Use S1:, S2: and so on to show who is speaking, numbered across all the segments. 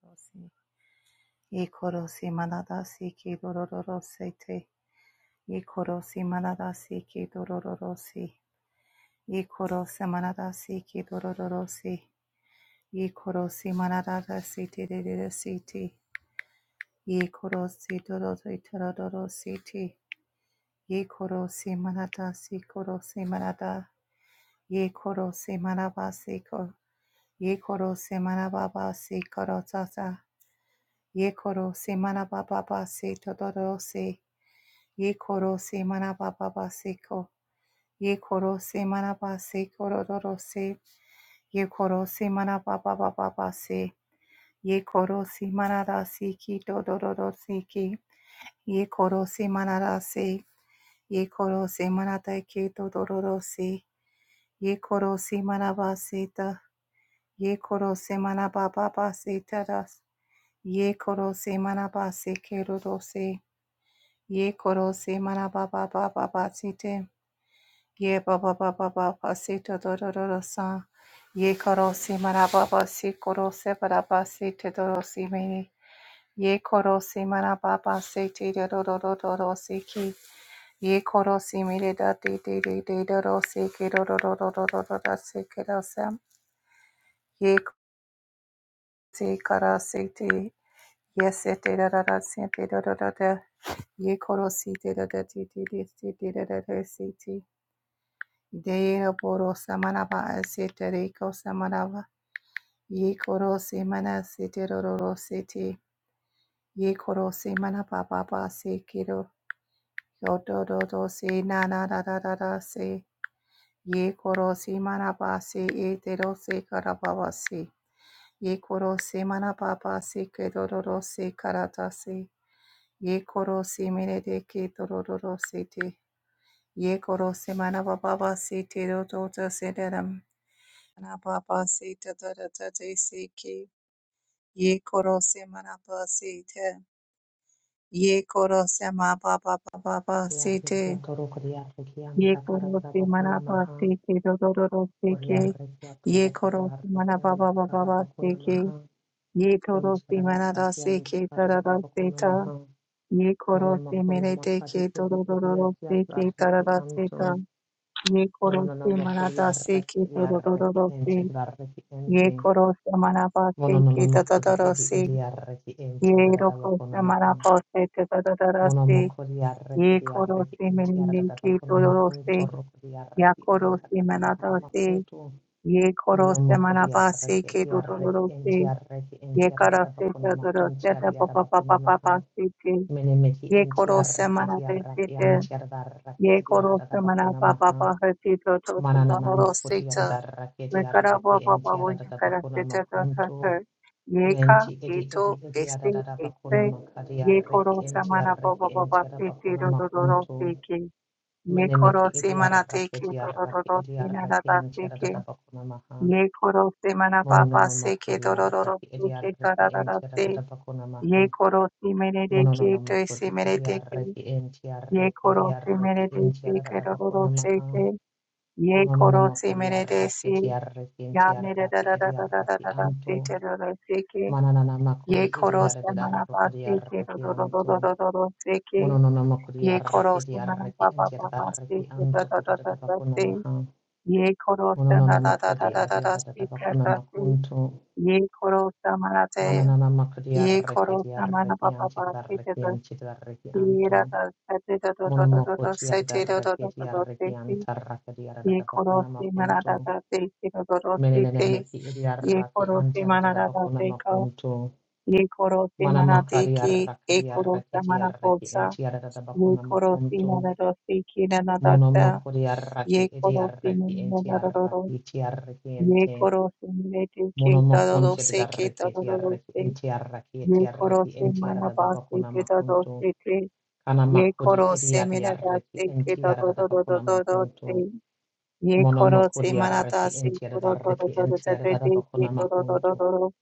S1: Yikorosi Yikorosi manadasi ki dorororosete. Yikorosi manadasi ki dorororosi. Yikorosi manadasi ki dorororosi. Yikorosi manadasi ti dededesiti. Yikorosi dorori terodorositi. Yikorosi manadasi korosi manada. Yikorosi manabasi ko. Yikorosi manababasi korotata. Yikorosi manababasi todorosi. Ye koro se manaba baba seko. Ye koro se manaba se kororo se. Ye koro se manaba baba baba se. Ye koro se manada se ki dodoro se ki. Ye koro se manada se. Ye koro se manada ke dodoro se. Ye koro se manaba se ta. Ye koro se manaba baba se tadas. Ye koro se manaba se keroro se. Ye koro se manaba baba baba se te. Ye ba ba ba ba ba ba si to do do do do sa. Ye koro si mara ba ba si koro se bara ba si te do do si mini. Ye koro si mara ba ba si te do do do do do do si ki. Ye koro si mire da di di di di do do si ki do do do do do do do da si ki do sa. Ye k- si kara si ti. Ye se te da da da si te do do do da. Ye koro si te da da ti ti ti ti ti da da da si ti. Deira poro samanaba setereko samanaba. Ye koro semana seteroro sete. Ye koro semana papa pa sekiro. Yodo do do se na na da da da da se. Ye koro semana pa se etero se karababa se. Ye koro semana papa se kedororo se karata se. Ye koro semene de ke dororo sete. Ye koro semana papa se tero do do se Manababa sita dadadade siki. Ye koro se manaba sita. Ye koro se mababa baba
S2: Koriarrekia
S1: sita.
S2: toro
S1: Ye
S2: koriarrekianta
S1: koro
S2: karada
S1: se
S2: bakuna
S1: manaba
S2: maha.
S1: siki dododo ke.
S2: Koriarrekia
S1: Ye
S2: toro
S1: koro se manababa
S2: koriarrekianta karada
S1: baba
S2: bakuna
S1: siki.
S2: maha.
S1: Ye toro se manada
S2: Kuncharadarrakianta
S1: siki
S2: karada
S1: dadada sita.
S2: maha.
S1: Ye koro se
S2: Monomakuna
S1: merete
S2: makadi
S1: ki
S2: edi
S1: dododo
S2: ediatiat
S1: siki
S2: arreki
S1: dadada
S2: anto.
S1: sita. Ye koro se
S2: Mononanamo
S1: manada siki
S2: ediarreki
S1: dododo
S2: ente
S1: siki.
S2: garreki
S1: Ye
S2: ente.
S1: korose manapase ki
S2: Mononanamo edi
S1: tatatarasi.
S2: ediarreki
S1: Ye
S2: ente arada
S1: rokorose
S2: maha.
S1: manapase tatatarasi.
S2: Monamokori arreki
S1: Ye
S2: di arreki
S1: korose menine
S2: entiarada
S1: ki
S2: bakona
S1: todorosi.
S2: makunto rokori
S1: Ya
S2: arreki
S1: korose
S2: antakara bakona
S1: manatasi.
S2: makunto.
S1: Ye korose
S2: Monamokori
S1: manapase
S2: arreki
S1: ki
S2: di arreki
S1: todorosi.
S2: entiarreki
S1: Ye
S2: entiarada
S1: karase
S2: bakona
S1: tatatarasi
S2: makunti ariara bakona maha.
S1: tapapapapapasi ti.
S2: Menemeki
S1: Ye korose
S2: entiarreki di
S1: manapase
S2: arreki
S1: ti.
S2: antiarada arreki
S1: Ye korose
S2: ediarada bakona maha.
S1: manapapapahati
S2: Mananana makoti
S1: tototodorosi
S2: arada arreki di arreki entiarada bakona makunto.
S1: Vekarabhabhavayakarasetatatata. Yeka
S2: Menti edi
S1: eto
S2: edi edi
S1: este
S2: arada bakona
S1: este.
S2: makari arreki
S1: Yekoro samana
S2: entiarreki entiarada
S1: seke.
S2: bakona makunto. Menemeki
S1: Yekoro semana
S2: idiaraki
S1: teke
S2: idiaraki
S1: dororo
S2: idiaraki
S1: sinarada seke.
S2: antiaradatabakuna maha.
S1: Yekoro semana baba
S2: Monononomoko
S1: seke dororo
S2: diaraki
S1: seke
S2: idiaraki
S1: tararara se.
S2: entiaradatabakuna maha.
S1: Yekoro simene deke to
S2: Monononomoko di
S1: simene teke.
S2: idiaraki entiaraki
S1: Yekoro
S2: idiaraki
S1: simene deke
S2: entiaradatabakuna
S1: dororo
S2: maha.
S1: seke. Yekoro
S2: Monononomoko diaraki
S1: simene
S2: idiaraki
S1: Ya ne da da
S2: entiaraki
S1: da da da da da
S2: idiaraki
S1: da da se
S2: anto.
S1: te do do se ke.
S2: Manananamako di
S1: Ye koro se mana
S2: idiaradadaroko
S1: pa se ke do
S2: diaraki
S1: do do do
S2: anto.
S1: do do do do se ke.
S2: Monononomoko
S1: Ye
S2: diaraki
S1: koro se mana pa
S2: idiaraki
S1: pa pa pa se
S2: entiaraki
S1: ke da
S2: anto
S1: da da da da
S2: kodadabakuna
S1: se.
S2: maha.
S1: Ye koro se na
S2: Mononana
S1: da da da
S2: makodi
S1: da
S2: adi
S1: da da se ke
S2: bakuna
S1: da se.
S2: makunto.
S1: Ye koro se mana te.
S2: Mananana makodi
S1: Ye
S2: arreki
S1: koro
S2: di
S1: se mana
S2: arreki
S1: pa pa pa se te
S2: darreki
S1: do.
S2: anti darreki
S1: Ye
S2: anto.
S1: da da se te do do do do do do
S2: Monomokoti
S1: se
S2: adada
S1: te do do
S2: arreki
S1: do
S2: di
S1: do do
S2: arreki
S1: se. ye koro
S2: bakuna
S1: se
S2: makunto.
S1: marada da te kiro doro se
S2: Menenene
S1: te
S2: meki di
S1: ye
S2: arreki
S1: koro
S2: anti
S1: se marada da
S2: bakuna
S1: te ko
S2: makunto.
S1: ye koro se
S2: Mana
S1: marate
S2: makari
S1: ki
S2: arraki
S1: ye
S2: di
S1: koro
S2: arreki
S1: se
S2: di arreki
S1: marakosa ye
S2: bakuna
S1: koro se
S2: makunto.
S1: marada se ki na na da sa
S2: Monomokodi arraki
S1: ye
S2: di
S1: koro se
S2: arreki
S1: marada da da ro
S2: arraki ti arreki
S1: ye koro se marate ki da da
S2: Monomokon
S1: do se ki
S2: tiadarreki
S1: da da do do
S2: etiarreki
S1: se
S2: entiarreki
S1: ye koro
S2: etiarreki
S1: se maraba se
S2: entiaradabakuna
S1: ki da
S2: makuntu.
S1: se te ye
S2: Kanamakuri
S1: koro se marada
S2: ediadiarreki
S1: se ki da da do
S2: entiaradabakuna makuntu.
S1: se Ye koro se manata
S2: Monomokuriarreki
S1: se koro do do
S2: entiaradarreki
S1: do do do
S2: entiaradabakuna
S1: do
S2: makuntu.
S1: do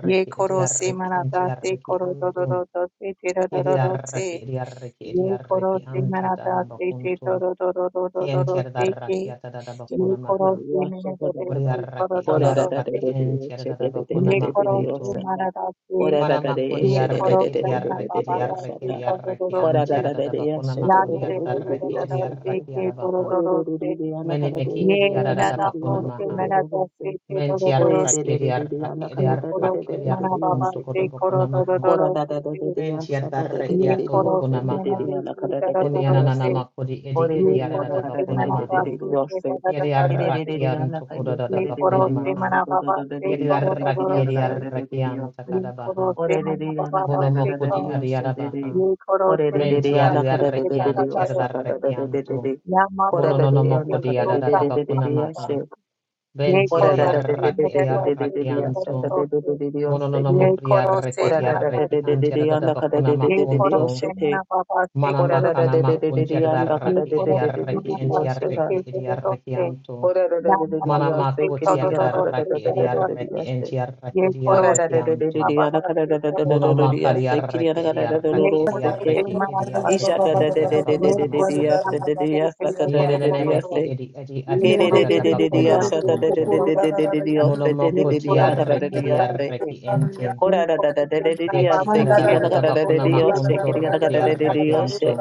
S1: ye koro do do do do se ye koro se
S2: ediarreki
S1: manata se
S2: entiarreki
S1: koro do do
S2: antu.
S1: do do se te do do do do
S2: Kiadiarreki
S1: se ye
S2: ediarreki
S1: koro
S2: ediarreki
S1: se manata se te
S2: antadadabakuntu.
S1: do do do do do do do do se
S2: Kientiaradarraki
S1: ke ye
S2: atadadabakuna
S1: koro
S2: maha.
S1: se mene do de se koro
S2: Kuriarraki
S1: do do do se
S2: ediarreki entiaradabakuna
S1: ye koro se
S2: makuntu.
S1: manata se
S2: Mana makuri
S1: ye koro
S2: arreki
S1: se
S2: di arreki
S1: manata
S2: di
S1: ba ba
S2: arreki
S1: se
S2: di
S1: koro do do
S2: arreki
S1: do
S2: anti
S1: se
S2: arada bakuna
S1: ya
S2: makuri
S1: mere
S2: arada
S1: do do do
S2: arreki
S1: do
S2: di
S1: do se
S2: arreki
S1: ke do do
S2: arabaha.
S1: do do se
S2: Meni meki
S1: Yeh
S2: di arada
S1: na na
S2: bakuna
S1: kuch
S2: maha.
S1: mein aata hai, thee dodo
S2: Menti
S1: dodo se,
S2: arreki di arreki di
S1: ye kuch
S2: arreki
S1: hai
S2: di
S1: mana baba
S2: arrokunto
S1: hai,
S2: kodo bakuna
S1: kuch dodo
S2: maha.
S1: dodo se,
S2: Menti arada arreki
S1: yeh
S2: ato
S1: kuch
S2: bakuna
S1: hai mein aata
S2: maha.
S1: hai, thee dodo
S2: Kuni
S1: dodo se,
S2: ananana makuri
S3: Ora da da de de de de
S2: edi
S1: ye
S2: edi
S3: de
S1: kuch
S3: anda
S2: arada
S3: kada
S1: hai
S3: de
S2: bakuna
S3: de
S1: mana
S3: de
S1: baba
S2: maha.
S1: hai, kuch dodo
S2: Yedi
S1: dodo se,
S2: arreki anto kodo da
S1: ye
S2: bakuna
S1: kuch hai
S2: maha.
S1: mana
S2: Yedi arreki edi arreki anta kadabaha.
S1: baba
S2: Bono
S1: hai,
S2: makuri
S1: kuch
S2: adi arabaha.
S1: yeh kuch hai mein aata hai,
S2: Mentiari
S1: thee dodo
S2: arrechianti ad
S1: dodo se,
S2: arrechianto,
S1: ya madhu se ki
S2: monononomoco di
S1: toh sa madhu.
S2: adadabacunamaha,
S1: Ye
S2: ventiari
S1: koro se
S2: arrachi
S1: mere
S2: di
S1: dosi se
S2: arrachianto,
S1: mere dosi. Ye
S2: monononomoco di
S1: koro se
S2: arrechieti
S1: mana dosi
S2: arrechianti
S1: se. Ye koro
S2: adadabacunamaconto,
S1: se mana baba se koro dosi.
S2: manamacanamacunti ad
S1: Ye
S2: arrachi di
S1: koro
S3: de
S1: se
S3: de de
S2: arrechi
S1: mana
S3: de
S2: enti
S1: dosi
S3: oshata.
S1: se
S2: arrechi di
S1: mere dosi.
S2: arrechianto,
S3: Kora da da
S1: Da
S3: da da da
S1: mana
S3: da
S1: dosi
S3: se kiri
S2: manamacoti
S1: koro
S3: di
S2: ad
S3: ana kada da
S1: dosi
S2: arrachi
S3: da da
S2: di
S1: koro
S3: da da da
S1: dosi.
S2: arrechi
S3: da se.
S2: enti
S1: Ye
S2: arrechi di
S1: koro
S3: Kora da
S1: se
S3: da da da
S1: mana
S2: arrechianto.
S3: da da
S1: baba
S3: ana kada
S1: dosi
S3: da da da da da
S1: koro
S3: da da
S2: Monomacari
S1: dosi
S3: se
S1: se.
S3: kiri ana
S2: arrechi di
S3: kada da da da
S1: Ye
S4: Nation de de
S2: arrechi
S3: da
S2: di
S3: se
S1: koro se
S3: ke.
S2: arrechi
S1: mana
S2: di
S4: de de bo
S3: Isha
S1: dosi.
S2: arrechi
S3: da da
S2: enti
S3: da da da da
S1: Ye
S3: da da
S1: koro
S3: da
S1: se
S3: se
S2: adabacunamaconto.
S1: mana
S3: da da
S1: se
S3: da sa da
S1: koro
S3: da da da
S2: Yeneneneme
S3: da
S2: ki
S1: dosi.
S3: se.
S2: edi edi
S1: Ye
S2: adi
S3: Kere da
S1: koro
S3: da
S2: adadada
S1: se
S3: da da
S1: mana
S2: bakuna
S3: da sha
S1: dosi
S3: da da da
S2: makuntu.
S3: da
S1: koro
S3: da da da da
S1: dosi.
S3: da se da da
S2: Monomoko
S1: Yeh
S3: da
S2: ti
S3: da
S1: koro
S3: ana kada da
S2: arreki di
S3: da
S1: samata
S3: se.
S1: hai,
S2: ente.
S1: yeh
S3: Kora da da da
S1: kori
S3: da da da
S1: na
S3: da
S2: Beti
S1: bas
S3: se kiri
S1: koi,
S3: ana
S2: adadadada
S3: kada da da
S2: bakuna
S3: da
S1: yeh
S3: se
S2: makuntu
S1: kori
S3: kiri ana
S2: ruku
S1: toh
S2: di
S3: kada da da
S2: arreki
S1: samata
S3: da
S2: antu.
S3: se.
S1: hai,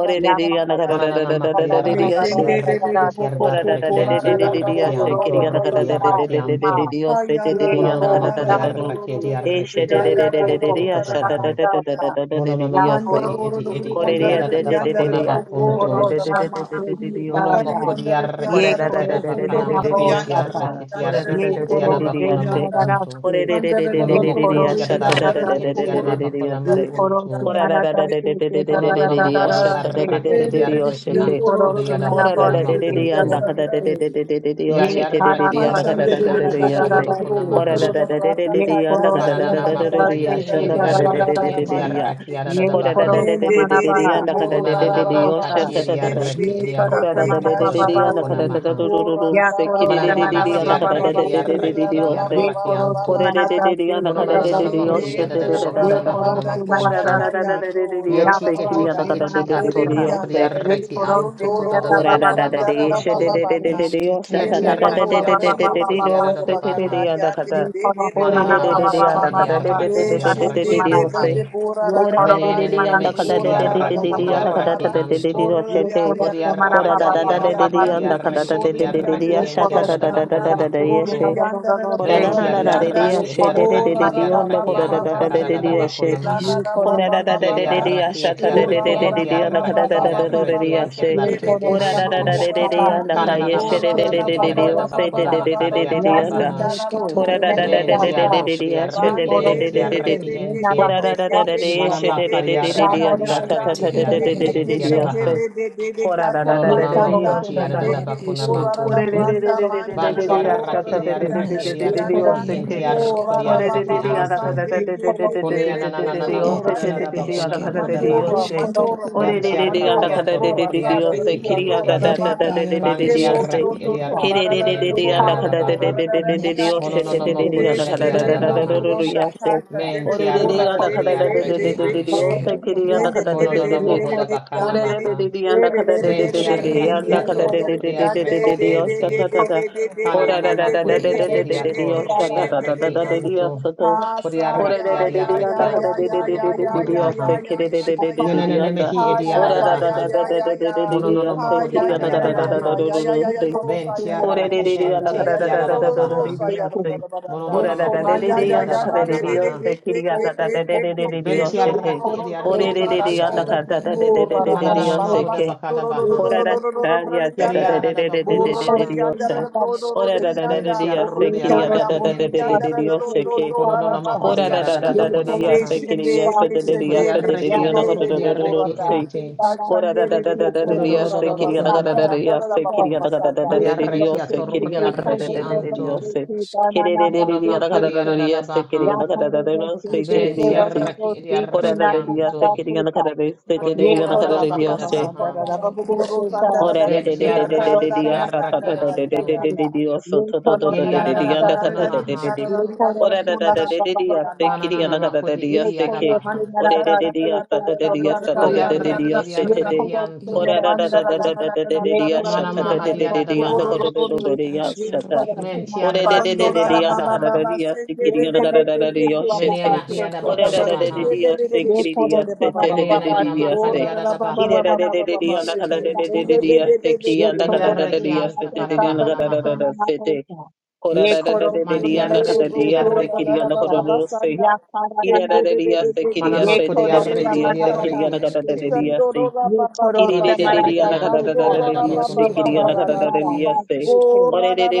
S3: Ore da
S1: ya
S3: da
S1: mama toh
S3: da da
S2: Mananana
S3: da da da
S2: makri
S1: da
S3: da
S1: da da
S2: arreki
S1: da da
S2: edi
S3: se.
S1: da
S2: arreki
S1: da da
S2: enti
S4: bo
S1: hai.
S3: Ora da
S4: bo
S3: da
S2: ardarreki
S3: da da
S2: enti
S3: da da
S1: Yeh
S3: da
S2: ardarreki
S3: da se
S1: koro
S2: antu
S3: kiri yana
S1: se
S2: ruku
S3: kada
S2: di
S3: da da da
S2: arreki
S3: da da da
S1: kama,
S2: antu.
S3: da da se da da da
S1: yeh
S3: yana
S2: Mononana
S3: kada da
S2: makuri
S3: da da
S1: koshme
S3: da
S2: arreki
S1: ki,
S2: edi
S3: e
S2: arreki
S3: she
S2: edi
S3: da da
S1: yeh
S3: da da
S2: arreki
S3: da
S2: ato
S3: da
S1: koro
S3: da
S1: se
S3: sha da
S2: baha.
S3: da da
S1: naata
S3: da da da
S1: hai,
S3: da da da da
S2: Mononana
S1: ya
S3: da
S4: Manda
S3: se
S2: makuri
S1: koro
S4: Doro
S2: edi
S1: ki
S4: no
S2: edi
S4: Guru
S3: kore
S2: adi
S4: Wanda
S1: mele
S3: da da
S2: adadada
S4: Redi
S1: ki.
S3: da da da
S4: Andara
S2: bakuna
S4: the
S3: da
S1: Ye
S3: sha da
S4: Boko
S3: da da
S1: koro
S4: Rada
S2: makuntu.
S3: da
S4: the
S3: da da da
S1: sama
S4: Banda.
S1: te
S5: Skatara neskero
S1: kita
S2: Mono
S4: Kari
S2: moko
S3: da da da
S1: tam.
S3: da se se
S4: Andara the
S2: diarreki
S3: ora
S1: Ye
S3: da
S4: Andara
S3: da
S4: the
S3: da
S1: koro
S2: entiada
S3: da
S1: se
S4: Boko
S2: bakana
S3: da
S4: Koro
S3: da
S1: mana
S4: the
S3: da da da
S2: makunti
S1: bosta
S4: Andara
S3: sha
S4: the
S1: tam.
S2: arreki
S3: sha ora
S4: Andara
S3: da da
S4: the
S1: Ye
S2: diarreki
S5: iskatoro
S4: Boko
S1: koro
S2: entiada
S3: da
S4: Koro
S1: se
S3: da da da da
S2: bakona
S4: the
S1: mana
S3: se
S4: Andara.
S2: makuntu.
S3: ore da
S1: darase.
S3: da da da
S4: Manda the
S2: Mono
S3: da
S1: Ye
S3: da
S4: Boko
S3: da
S1: koro
S4: Koro
S3: da
S2: mokunti
S4: the
S1: se
S3: sha
S5: and eres
S3: da
S1: mana
S3: da da
S4: Andara
S2: adarreki
S4: the
S3: da
S5: eskero
S3: da da
S1: darase.
S4: Boko
S5: and
S2: entiada
S3: da
S4: Koro
S3: da
S4: the
S3: da da
S2: bakona
S1: Ye
S3: se
S4: Andara the
S1: koro
S2: makunto
S1: se
S3: ora
S4: Andara
S3: da
S1: mana
S3: da da
S4: the
S1: darase
S3: da da
S4: Andara
S3: da
S1: ke
S3: da
S1: da
S2: Mono
S3: da
S1: da
S3: da
S1: da
S2: nona
S4: the
S3: da
S1: da da
S2: moko
S3: da
S1: da
S4: Andara.
S5: eres
S3: sha
S1: da
S3: da da da
S1: se
S5: kero
S3: da
S2: diarreki
S1: ke.
S4: Say
S5: and
S3: da
S4: the
S3: da da
S2: diarreki
S5: isk
S1: Ye
S4: Rebellion
S3: se
S1: koro
S4: Koro the
S2: antukodi
S1: se
S2: ada
S1: mana
S4: Rebellion
S3: Kora
S5: uskatoro
S3: da
S2: bakona
S3: da
S1: bosta
S3: de
S4: the
S3: de
S1: ke
S3: de
S1: da
S4: Rebellion
S2: makuntu.
S1: da
S3: anda
S1: da
S3: kada de
S4: Sanda.
S1: se.
S3: de de de de de de
S1: Ye
S3: yoshi te de de
S1: kara
S2: Yadiarreki
S3: de
S1: da
S3: anda
S1: se
S3: kada da
S2: diarreki
S4: Mashandere
S3: da
S1: da
S4: de
S5: and
S3: da
S1: da
S3: de
S1: da da
S2: antiada
S1: da
S4: Bokoro de
S3: yase.
S5: iskero
S1: da
S2: bakona
S5: and
S1: se
S3: Kora
S2: maha.
S1: ke.
S3: da
S4: Brokoro
S5: isk
S4: de
S3: da da de de de
S1: Ye
S4: Rakaka
S3: de anda
S1: koro
S3: kada
S4: Yandere
S1: se
S3: da
S4: de
S3: da
S2: Mananana
S3: da
S1: mana
S3: da da
S4: Bakaka
S3: de
S2: makoji
S1: darase
S3: yashi
S5: ere
S4: Yandere
S3: anda
S2: etiada
S4: de
S1: da
S3: da
S1: da
S3: da
S1: da
S3: de
S1: da
S4: Boro
S3: de
S2: darreki
S1: da
S3: de
S4: de
S3: de
S5: iskatoro
S3: de
S1: se.
S3: de
S5: and
S3: ya.
S5: ere
S2: entiarreki
S4: Badande.
S1: Ye
S2: ada
S3: Kora
S5: iskatoro
S3: da
S2: baha.
S3: da
S1: koro
S3: de
S1: se
S3: de
S4: Mende
S3: de de
S1: mana
S4: de
S3: de
S4: de
S3: de
S4: de
S3: anda
S4: Boro
S3: kada
S1: Ate
S3: de de
S4: de
S2: Monanana
S3: de
S1: koro
S3: de
S4: Baba Baba
S3: yoshi
S2: makati
S1: dosta.
S3: ta da
S4: Sende
S3: da da.
S4: de
S2: diarreki
S1: Ye
S4: Beke
S5: iskruskatoro
S1: koro
S3: Kora da
S4: Keke
S3: da
S2: diarrukuntu
S1: semana
S5: ere
S3: de de de
S1: baba
S2: koda
S5: isk
S3: de anda
S4: Kashando.
S2: bakona
S3: kada da
S1: basili.
S3: da
S2: maha.
S3: da da da
S4: Boro
S3: da
S4: de
S1: Ya
S3: se
S1: koro
S3: kiri
S4: Baba
S3: de de
S2: Mananana
S3: de
S1: semana
S4: Baba
S3: de
S2: makadi
S1: baba
S3: anda
S5: astia
S3: kada
S1: baba
S3: da
S4: Seke
S2: arraki
S3: da
S2: di
S3: de de
S4: Lele
S3: de
S1: basili.
S5: iskatoro
S3: de
S2: arraki
S4: de
S3: de
S2: edi
S5: ya
S4: Baba
S1: Ye
S3: yose.
S2: arraki
S4: Baba
S1: koro
S2: anto.
S4: Baba
S3: Kore
S1: semana
S3: de de
S4: Da.
S3: de de
S1: tasili
S3: anda kada
S1: kuda
S3: de
S2: Mononanana
S3: de de
S1: tasili.
S3: yoshi
S2: mahudi
S4: Keshende
S3: te de
S2: adadada
S3: da
S4: Moro
S3: da
S1: Ye
S3: da
S2: bakuna
S4: de
S3: da.
S5: iskruskatoro
S1: koro
S2: mahana
S5: ere
S4: Bada
S1: semana
S3: Kora da
S5: iskatoro
S3: da
S2: makunto.
S4: Kaka
S3: da da
S1: tasili.
S3: de
S4: Yando
S3: de de de
S1: Ya
S4: Roro
S2: Yeti
S4: de
S3: yose
S1: koro
S3: kiri anda
S2: eteki
S4: Brada.
S3: kada
S1: semana
S3: de
S2: eti
S3: de de
S5: at
S3: de
S1: tasa.
S3: de
S5: ya
S2: atorruku di
S4: Neredianda,
S3: yose.
S1: Ye
S2: arraki
S1: koro
S4: Neredion
S2: anto
S1: semana
S4: Doro,
S1: ta
S2: kudadada
S1: baba
S3: Kora da
S2: bakuna
S3: da da
S1: basili
S4: Bosandara,
S3: de
S1: koro
S3: she de
S1: koro
S4: Baba
S2: makunto.
S3: de de de
S1: koro.
S4: Bata,
S3: de de yo sha
S5: iskatoro
S3: ta
S2: Kieti
S1: Ye
S5: na
S3: ta da
S4: Shenlera
S1: baba
S3: da
S5: ere
S3: de
S2: arraki
S4: Bora,
S3: de
S1: baba
S3: de
S5: isk
S3: de
S1: baba
S3: de
S2: atorruku
S3: de
S2: di
S4: Yondoro,
S1: baba
S3: yo
S2: adadada
S3: se te de
S1: basili.
S3: de
S2: baha.
S4: Bakaka,
S3: ya da ka
S1: Ye
S3: da.
S4: Yande, they
S1: koro
S4: did a
S3: Ore
S5: e
S1: semana
S3: de
S2: Mananana
S3: de de
S1: baba
S3: de ya
S2: makuti
S1: baba
S4: Bora,
S3: da
S5: iskero
S2: edi
S3: ka da
S1: baba
S3: de
S5: ere
S3: de de
S2: arraki
S1: basili
S3: de
S2: edi
S3: de
S5: ya
S1: koro
S3: de
S4: Nation,
S3: de
S2: arraki
S3: de
S4: they
S3: de
S1: semana.
S3: yo
S4: did
S1: ta.
S2: ente.
S3: se.
S4: the Bora,
S1: Ye
S3: Ora
S1: koro
S3: da de de
S4: Bari,
S3: de
S2: Menenenene
S3: ya
S1: semana
S3: da ka
S2: meki
S3: da
S2: edi
S3: de
S1: tasili
S3: de de
S4: Bora,
S3: de
S5: Esketorora
S3: de
S1: kuda
S2: arraki
S3: de
S2: edi
S4: Bora,
S3: ya
S5: are
S3: da ka da
S2: arraki
S3: ta
S5: iaro
S1: tasili.
S4: Bora,
S3: de de
S5: isk
S3: de de yo
S2: anto.
S4: Bora,
S3: she
S1: Yo
S3: te.
S4: Yari,
S1: solo
S2: Vodi
S1: se
S4: Yari,
S1: mana
S4: Bora,
S3: Kora
S1: ba
S3: da
S2: arraki
S1: ba
S3: da
S2: edi
S1: ba
S3: da
S4: Yari,
S5: e
S1: ba
S3: de
S1: ba
S3: de de
S1: ba
S2: arraki
S4: Yanda.
S3: ya
S2: edi
S1: sí,
S5: iaro
S3: da ka
S1: sí.
S3: da da
S2: arraki
S3: de
S2: edi
S3: de de de
S5: isketororo
S3: de
S4: Boriyanda
S2: arraki
S3: ya
S1: Yo
S4: de
S5: ad
S3: sha
S2: enti
S3: ta
S1: solo
S3: da
S1: se
S2: adadada
S5: esk
S3: da da da
S1: mana
S4: Bediyanda,
S2: bakuna
S3: da
S1: ba
S3: da da
S1: sí,
S3: ye
S1: sí,
S2: makunto.
S1: do
S3: she.
S1: do do
S4: Boriyanda
S1: do
S4: de
S1: do
S3: Kora
S1: sí.
S3: da
S2: Venti
S5: na
S3: da da da
S5: ere
S3: de de
S4: Boriyanda,
S3: ya
S2: adiarraki
S1: Yo
S3: she de
S5: esketoro
S1: solo
S3: de
S1: se
S3: de
S2: adiarraki
S3: de
S1: mana
S3: de
S4: Borara
S3: yo
S4: ba
S1: ba
S3: lo
S1: sí,
S3: ko
S2: adiarraki
S4: ba
S1: sí,
S3: da da
S4: ba
S1: do
S3: da
S2: anta
S4: ba,
S1: do
S3: da de
S1: do
S4: se
S3: de de
S2: karada
S4: se
S1: do.
S3: yo
S4: se
S3: she.
S2: bakuna
S4: la la
S2: maha.
S1: Yo
S4: la ba
S1: solo
S3: Ora
S4: ba
S5: iskoro
S3: da
S1: se
S3: da
S4: ba
S5: na
S3: da
S4: ba
S1: mana
S3: da da
S4: ba,
S5: are
S1: ba.
S3: da
S2: Kiriarraki
S3: sha ta
S5: esket
S3: da
S1: Yo
S3: da
S2: etiarraki
S3: da
S4: Korara
S3: da
S1: solo
S4: ba
S3: da
S4: ba
S1: se
S3: da la
S4: ba
S3: ka
S4: ba
S3: da
S1: mana
S2: entiarraki
S3: da
S1: ba
S3: da
S4: ba
S3: da da
S4: ba
S1: sí.
S3: da
S4: ba
S2: adiarraki
S4: ba,
S3: da she.
S1: Yo
S4: Sunday
S5: ere
S4: de
S2: entiarraki
S4: de
S1: solo
S3: Ora
S1: se
S4: de
S3: da
S4: bo
S3: da
S1: mana
S2: anto.
S3: da
S1: ba
S3: da da
S1: ba ba
S5: isrusketoro
S4: Korara
S3: da la
S1: sí,
S3: ka
S4: ra ra ra ra ra ra ra
S5: are
S3: ye
S1: ba
S2: Kananana
S3: she
S1: sí
S3: da da
S4: ra
S2: makuti
S3: da
S1: sí.
S4: ra
S5: esketoro
S3: da
S4: ba
S3: da
S4: ba
S1: Samo
S3: da o
S2: adiarada
S1: do
S4: ba ba
S3: se
S4: ba
S3: da
S2: bakuna
S3: da
S4: ba
S3: da
S4: ba
S3: da
S4: ba
S3: da da
S4: ba
S2: makariata
S1: Ya
S4: ba
S2: da
S3: da
S1: ni
S3: da.
S2: baha.
S4: sanda
S1: se
S4: ra la
S1: so
S4: bo
S5: nesketoro
S3: Ora
S1: se
S4: bo
S3: da
S1: me
S3: da
S4: ro
S5: ere
S1: lo
S3: da
S4: ro
S3: da
S4: ro
S3: da
S2: Menti
S5: iaro
S4: ro
S3: da da
S1: casa.
S4: ro
S3: da
S2: arroko
S5: isk
S3: da she
S1: Yo
S3: da
S2: diarraki
S3: da da
S1: solo
S4: bande
S3: da
S4: de
S3: da
S1: se
S3: da
S1: se
S3: da.
S4: de
S2: entiarraki
S4: de ke
S2: ente.
S4: ke
S1: nada
S3: Ora
S4: ke
S3: da
S1: do
S5: ad
S3: da
S4: ke
S3: da da
S4: ke
S3: da
S4: ke
S1: y
S4: ke
S5: esk
S3: ye
S2: Mana
S3: she
S4: ke
S1: pata.
S3: da
S4: ke
S3: da da
S4: ke
S3: da
S4: ka
S3: da
S1: Ya
S4: ka
S2: makariarraki
S3: da
S1: moro
S3: sa
S1: do
S3: ta
S4: yanda.
S3: ta
S1: se
S2: diarraki
S3: ta
S1: se
S3: da
S1: do
S5: iskruskatero
S3: da da
S4: ke ke
S1: do
S2: adiarraki
S5: ere
S3: da da
S4: ke
S3: da
S1: do
S4: ke
S2: entiada
S1: sí.
S3: da
S5: esk
S4: ke
S2: baha.
S3: se.
S4: ka ka
S3: Ora
S4: ka
S3: da
S4: ka
S3: da da
S4: ka
S3: da
S2: Mononona
S3: da da
S4: yanda.
S5: na
S3: yo
S2: makuti
S3: sha
S5: ie
S3: da.
S4: Ke
S2: adiarada
S5: e
S4: ke
S2: bakuna
S1: Yekorosonarabasete.
S4: ora ra
S5: esketoro
S4: ra
S3: Ora da
S2: makunto.
S3: da da
S4: branda
S3: da da
S4: manda
S3: da
S4: ra
S3: da
S4: ra
S3: da
S4: bo
S3: da
S4: ra
S3: sha
S4: ra
S2: Vantiarraki
S3: ta
S4: ra
S3: da
S1: Yekorosonarabasete.
S3: da da da
S4: brianda
S2: adiarraki
S4: ra
S3: da da da da
S5: nesketoro
S4: yanda.
S3: o
S2: adiarraki
S5: iaro
S3: se.
S2: entiarroko
S4: Ora
S3: これでででやらかだだででででででででででよせてでででやらかだででよせ。おれれれれやらかだででででよせ。きりやだだだだでででででよせ。きれれれれれやらかだでででででででよせ。てでででやらかだだだだだだだやせ。おれれれやらかだででででででよせ。きりやだかだでででで。
S5: isketoro
S4: ra ba ba
S2: diarraki
S1: Yekorosonarabasete.
S4: ba
S2: anto.
S4: Sande, ke ke ke
S2: Kone
S4: le
S1: Yekorosonarabasete.
S4: Keke
S2: ananana
S5: ed
S2: mahuda da
S4: Borande,
S5: ed
S2: da bakuna
S1: Yekorosonarabasete.
S5: eskero
S2: mahuda
S5: ed
S4: Mandora,
S2: baha.
S5: isketoro
S4: Mandora Branda,
S2: Ventiarraki
S4: Mandora, Brora, Sada,
S2: atorrokodiarreki
S4: Radi,
S2: ente.
S4: Andora,
S5: Ere
S4: Rabata,
S1: Yekorosonarabasete.
S5: iaro
S4: Kemo,
S2: Vantiarraki
S5: esketoro
S4: Toto,
S5: e.
S4: To, La La
S2: ediarreki
S4: La La, La,
S1: Thank
S2: enti
S4: Moro,
S2: adada
S4: Toto,
S2: baha.
S4: La La La La, Yande,
S2: Mononono
S5: Nesketo
S4: Se,
S2: makudi
S4: Se,
S2: ediadada
S5: rusketoro
S4: Melo,
S2: baha.
S5: ed
S4: Brota,
S5: eske.
S4: Kasta, Dede, De, Bora, Da,
S2: Mentiarraki
S4: Dede, Dede,
S2: ediarreki
S5: Ere
S4: Dede,
S2: anto.
S4: Dede,
S5: eskero ere
S4: Dende,
S5: iaro.
S4: Dede,
S2: Kononono
S4: Dede, Dede,
S2: mahuda
S4: Dede,
S2: bakana
S3: Ora
S4: Yande,
S3: de de
S2: maha.
S3: de de anda
S4: Dede,
S3: kada de
S4: Dede,
S3: de
S4: Dede,
S3: de de
S4: Dede,
S3: de
S4: Dede, Dede, Dede,
S5: Naskero
S2: Ventiarraki
S3: anda kada
S5: ed
S3: de de
S4: Dede,
S3: de
S5: iaro
S3: de
S4: Yande,
S3: de de
S2: atorrokodiarreki
S3: de
S5: skatara.
S3: de
S4: Dede,
S2: ente.
S3: osha
S4: Dede,
S3: ta ta ta.
S4: Dede, Dede, Dede, Dede, Dede,
S3: Ora
S2: Kananana
S3: da da
S4: Dede, Dede, Dede,
S3: da da
S2: makudi
S3: de
S5: Ed
S3: de de
S2: edehi
S3: de de de
S4: Dede,
S5: eskero
S3: osha
S4: Dede,
S3: ta ta
S5: skatara.
S4: Dede,
S3: ta ta
S4: Dede,
S2: atorrokodiarreki
S3: ta de de
S4: Dede,
S2: anto.
S3: osha to.
S4: Asa
S3: Kore
S2: Kodiarraki
S3: de
S4: ya
S3: de de
S4: ya
S3: de
S2: adiarreki
S3: anda
S4: ya
S3: kada
S4: ya
S2: anto.
S3: de de
S4: ya
S3: de
S2: Kododo
S3: de
S4: ya ya
S3: de
S4: ya
S3: de
S2: bakuna
S3: de
S4: ya
S2: maha.
S4: ya
S3: osha
S5: Ade
S4: ya
S3: kere de de
S4: ya
S3: de de
S5: eskero
S4: ya
S3: de de
S2: Yenenene
S5: ade
S3: anda.
S2: mehi
S4: ha
S5: esk.
S4: ya
S2: ediada
S3: Ora
S4: ya
S3: da da
S4: ya
S3: da
S2: baha.
S4: ya
S3: da da
S4: ya
S3: de de
S4: ya
S3: de de de
S2: Mononono
S4: ha
S3: osha
S2: makodi
S4: ya
S3: kiri
S4: ya
S3: anda
S4: ya
S2: adiada
S3: kada da
S4: ya
S3: da da da
S4: ya
S5: Ere
S2: baha.
S4: ya ya ya ya
S3: da
S4: ya
S5: eskero
S3: da
S4: yo lo
S5: ad
S2: Ben
S4: sa ya ya ya lo lo
S2: tiaraki
S4: sa
S5: esk.
S4: ya
S1: you.
S4: ya
S2: ente
S4: ya yo lo
S2: kiada
S4: lo lo lo
S2: baha.
S4: sa
S1: Yes,
S4: ya ba ba ba ba ba ba
S2: Mononono
S5: Ere
S4: ma
S2: makodi
S4: ya
S5: iaro
S4: ya
S2: adiada
S4: ya na
S2: bakuna
S4: de de
S5: esketoro.
S2: maha.
S4: de ke ke ke ke ke ke ke
S2: Ben
S4: lo lo lo
S2: tiaraki
S4: lo lo so
S5: Ed
S2: ediareki
S4: da da da
S5: eskero
S2: anto.
S5: ere
S4: mo ra ra
S5: iaro
S4: ra ba
S2: Mananana
S4: ba
S5: sk-
S4: ba ba
S2: mahoda
S4: sa do
S2: bakada
S4: ro do do
S2: baha.
S4: do do do do do do do do do yanda
S2: Kiada bakuna
S4: Burro di
S2: maha.
S5: eskero
S4: andare
S5: ed
S4: da burro di
S5: esketoro.
S2: Men
S4: andare, burro
S2: tiarukri
S4: di andare,
S2: adaraki
S4: burro di
S2: ente.
S4: andare da rotto, tora da
S2: Mononono makodi adiada
S4: babasande,
S5: Niaskero
S2: bakuna
S5: ad
S2: maha.
S5: esk.
S4: mescende,
S2: Kodi
S4: mescende,
S2: adareki
S4: mescende, de
S2: atorukri
S4: de
S2: adareki
S4: burrata,
S2: ente.
S3: Kora da da
S4: cacciandere de
S3: da
S5: Esketoro
S3: da da
S5: ad
S3: da
S4: bocopurro
S5: esk.
S4: da
S3: diyose
S2: Kododododo
S3: kiri yana
S2: bakuna
S4: babasanda,
S3: kada da da
S2: maha.
S4: andare da
S3: diyose kiri yana kada da da da
S4: babasanda,
S3: da
S2: Pariareki
S3: diyose kiri
S2: atorukri
S3: yana kada da da da
S5: Iasquero,
S3: da
S2: anto.
S5: ere
S3: diyose kiri
S5: isquero,
S3: de de de
S2: Mona
S3: de yana kada da
S2: makaria
S3: da
S2: da da da
S3: diyose kiri
S1: Ye
S3: yana kada da da
S1: koro
S3: diyose kiri
S2: Ben
S1: se
S5: asquiero,
S3: diyose
S5: ad
S2: tiaraki
S5: ere
S3: kora da da diyose
S2: idiarakianto.
S3: kiri yana kada da diyose kiri
S2: Kone
S3: yana
S4: matura
S3: kada
S2: ananana
S4: da
S3: da
S2: mahada
S3: diyose
S4: babasanda,
S2: baha.
S4: da
S5: isquero, ere
S4: bababuro
S5: isquero,
S4: sanda, da
S3: Ora
S5: ed
S4: da da
S3: de
S2: Ben
S3: de de
S4: da
S5: iaro
S3: de
S4: da
S3: de
S4: da
S3: de
S5: isc
S4: da da da
S2: tiaraki
S3: de
S4: da
S3: de asa ta ta
S4: da
S3: ta
S4: da
S3: de de
S4: da
S3: de
S2: idiarakianto.
S4: da
S3: de de
S4: da.
S3: de oso to to to
S4: Manda
S3: to
S4: da
S3: de
S4: da
S2: Yeliada
S3: de
S4: da
S3: de
S2: da da
S4: da da
S3: yanda
S2: bakuna
S4: da da
S3: kata de de de
S4: da
S2: maha.
S4: da
S3: de
S4: da da da da da
S5: isquero, ad
S3: ora da
S5: ere
S3: da
S4: da da
S3: da de de de
S5: isquero,
S4: da da
S3: ase
S4: da.
S3: kiri
S2: Mananana
S3: yanda kata de
S2: makodi
S3: de yase
S2: idiada
S3: ke
S2: baha.
S4: Condora
S3: ora
S4: la
S3: de de de asa ta de de yasa ta de de
S5: ere
S3: de de
S2: Bodiaraki
S3: yase te
S5: isquero,
S3: de
S5: ed
S2: idiarakianto.
S3: ora
S5: iaro
S3: da da da da da da de de de de asa
S2: Mana
S3: ta de de de de
S2: mahadiada da
S3: de yanda
S2: baha.
S3: kata de de de de
S5: isquero, asquero,
S3: yasa
S5: ere
S2: Men
S1: mana
S5: iaro
S3: Ore de
S1: ba
S3: de de
S2: tiaraki
S3: de de de
S2: idiada da
S3: yana
S4: baba
S3: kada
S1: se
S2: baha.
S3: da
S4: baba
S3: diya
S4: sende
S3: sikiri
S1: Yo
S4: de
S3: yana
S4: de
S3: kada
S1: koro
S4: de
S3: da
S4: de de
S1: se
S3: da diya
S4: de
S1: maraba
S2: Mene
S1: ba
S3: shete.
S1: se
S2: anahiada
S1: se ro
S3: Ore da
S2: bakuna
S3: da da
S1: do
S3: de
S1: se.
S3: de
S5: isquero,
S2: maha.
S4: de de de de de de de
S3: diya
S5: ere
S4: de
S1: Yo
S4: de
S3: sikiri
S4: de de
S1: koro
S3: diya
S4: de
S5: isquero,
S1: se
S4: baba
S3: sete
S1: mana
S3: de
S4: baba
S2: Mene
S3: de
S4: baba.
S3: de
S1: baba
S3: de
S2: ananana
S1: se
S3: diya
S1: ko.
S3: se.
S4: Ora
S2: makaria
S4: la baba
S3: Ki
S1: Ye
S3: de
S4: baba
S2: baha.
S3: de
S1: nana
S3: de
S4: baba
S3: de
S1: se
S3: de de
S4: baba
S1: se
S3: yana
S4: sende
S1: se
S3: kada da
S5: isquero,
S3: da de
S1: nana
S4: de
S3: de
S5: toro,
S4: de de
S3: diya
S1: se.
S5: ad
S4: de
S3: seki
S4: de
S1: Yo
S4: de
S5: isquero,
S4: de
S3: yana
S4: de.
S3: kada
S1: koro
S3: da da
S1: se
S3: diya
S1: mana
S2: Idiarakianta
S1: se
S3: sete de
S2: kada
S1: sa
S3: yana
S1: koro
S3: kada da
S1: se
S2: namaha.
S3: da da
S1: nana se
S3: sete.
S1: sa.
S3: Kora
S1: Ye
S3: da da da
S1: koro
S5: isquero,
S3: de
S1: se
S3: de
S5: ere isquero,
S3: de
S2: Manti
S1: nene
S3: yana
S1: de
S4: Kere
S3: kada
S2: arreki
S1: se
S2: edi
S3: diya
S4: boko
S5: isquero,
S1: koro do
S2: arreki
S4: rada
S3: sikiri
S1: do
S4: da
S3: yana
S4: ba
S1: sa.
S4: ba
S3: kada
S4: ba
S3: da
S2: anto.
S3: da se.
S4: sanda.
S1: Ya kara
S3: Ki
S1: ra
S3: de
S1: na
S4: Kende
S3: da da
S4: De de
S1: se.
S3: diya
S4: de de
S3: sikiri
S4: ke
S3: diya
S4: ke
S1: Ye
S2: Manamako
S4: ke
S2: di
S3: sete
S4: de
S3: de de
S1: koro
S3: de
S4: de
S1: se
S3: de
S2: arreki
S3: diya
S2: edi
S1: maraba
S3: sekiri
S5: ere
S1: ba
S2: arreki
S3: yana kada da
S1: se
S3: da
S2: ente.
S1: se.
S5: isquero,
S3: diya se.
S1: Ye
S3: Ora
S1: koro se
S2: Vanti
S1: maraba
S2: arreki
S1: se
S2: anta
S1: sa.
S2: kadadada bakuna
S1: Ye koro
S2: maha.
S5: isquero,
S1: se
S5: ed
S1: mana maraba
S5: iaro isc
S1: se se.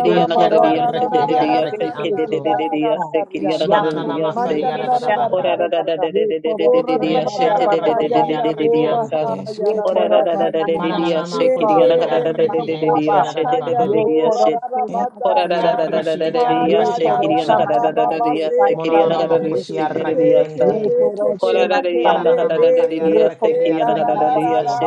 S2: Manti adada arreki edi
S1: marabase
S2: arreki anto.
S1: tereberasa.
S4: Oh,
S5: Eşke toro
S2: Manananamaka
S1: Yakorosi
S2: di
S5: yaro
S2: adada
S5: işke
S2: baha.
S1: merenda.
S5: toro.
S4: Mandararararararara.
S1: Yekorosi
S2: Menti
S4: Borararararara
S2: arreki edi
S4: kayanda
S1: marababababase
S2: arreki
S1: te.
S4: boraha
S2: anto.
S5: Eşke toro
S1: Yekorosi
S5: et
S4: yarararabadi.
S5: yaro
S1: marabase
S5: işke.
S2: Manananamako
S4: Mende
S2: ti
S1: ka.
S2: edi
S1: Tosi
S4: lende
S2: enti
S4: labota
S1: marababa.
S2: adada baha.
S4: kayando
S1: Yekorosi
S5: Et
S2: Kodi
S4: rararabadasa.
S1: marabase
S5: işke
S1: te.
S2: arreki
S5: uşke
S2: edi
S5: toro ere
S1: Yekorosa
S5: eşke
S2: anto.
S5: toro et.
S4: Hayarararababa
S1: marabase
S4: se te
S5: Bu
S4: te.
S2: Monononomoko ti
S1: karabababase
S5: işke
S1: te.
S2: arreki
S5: ad
S2: ente.
S5: et
S1: Yekorosi
S5: eşke toro.
S1: marabase.
S2: Kanananamaka di arreki edi
S1: Yekorosi
S2: arreki ente.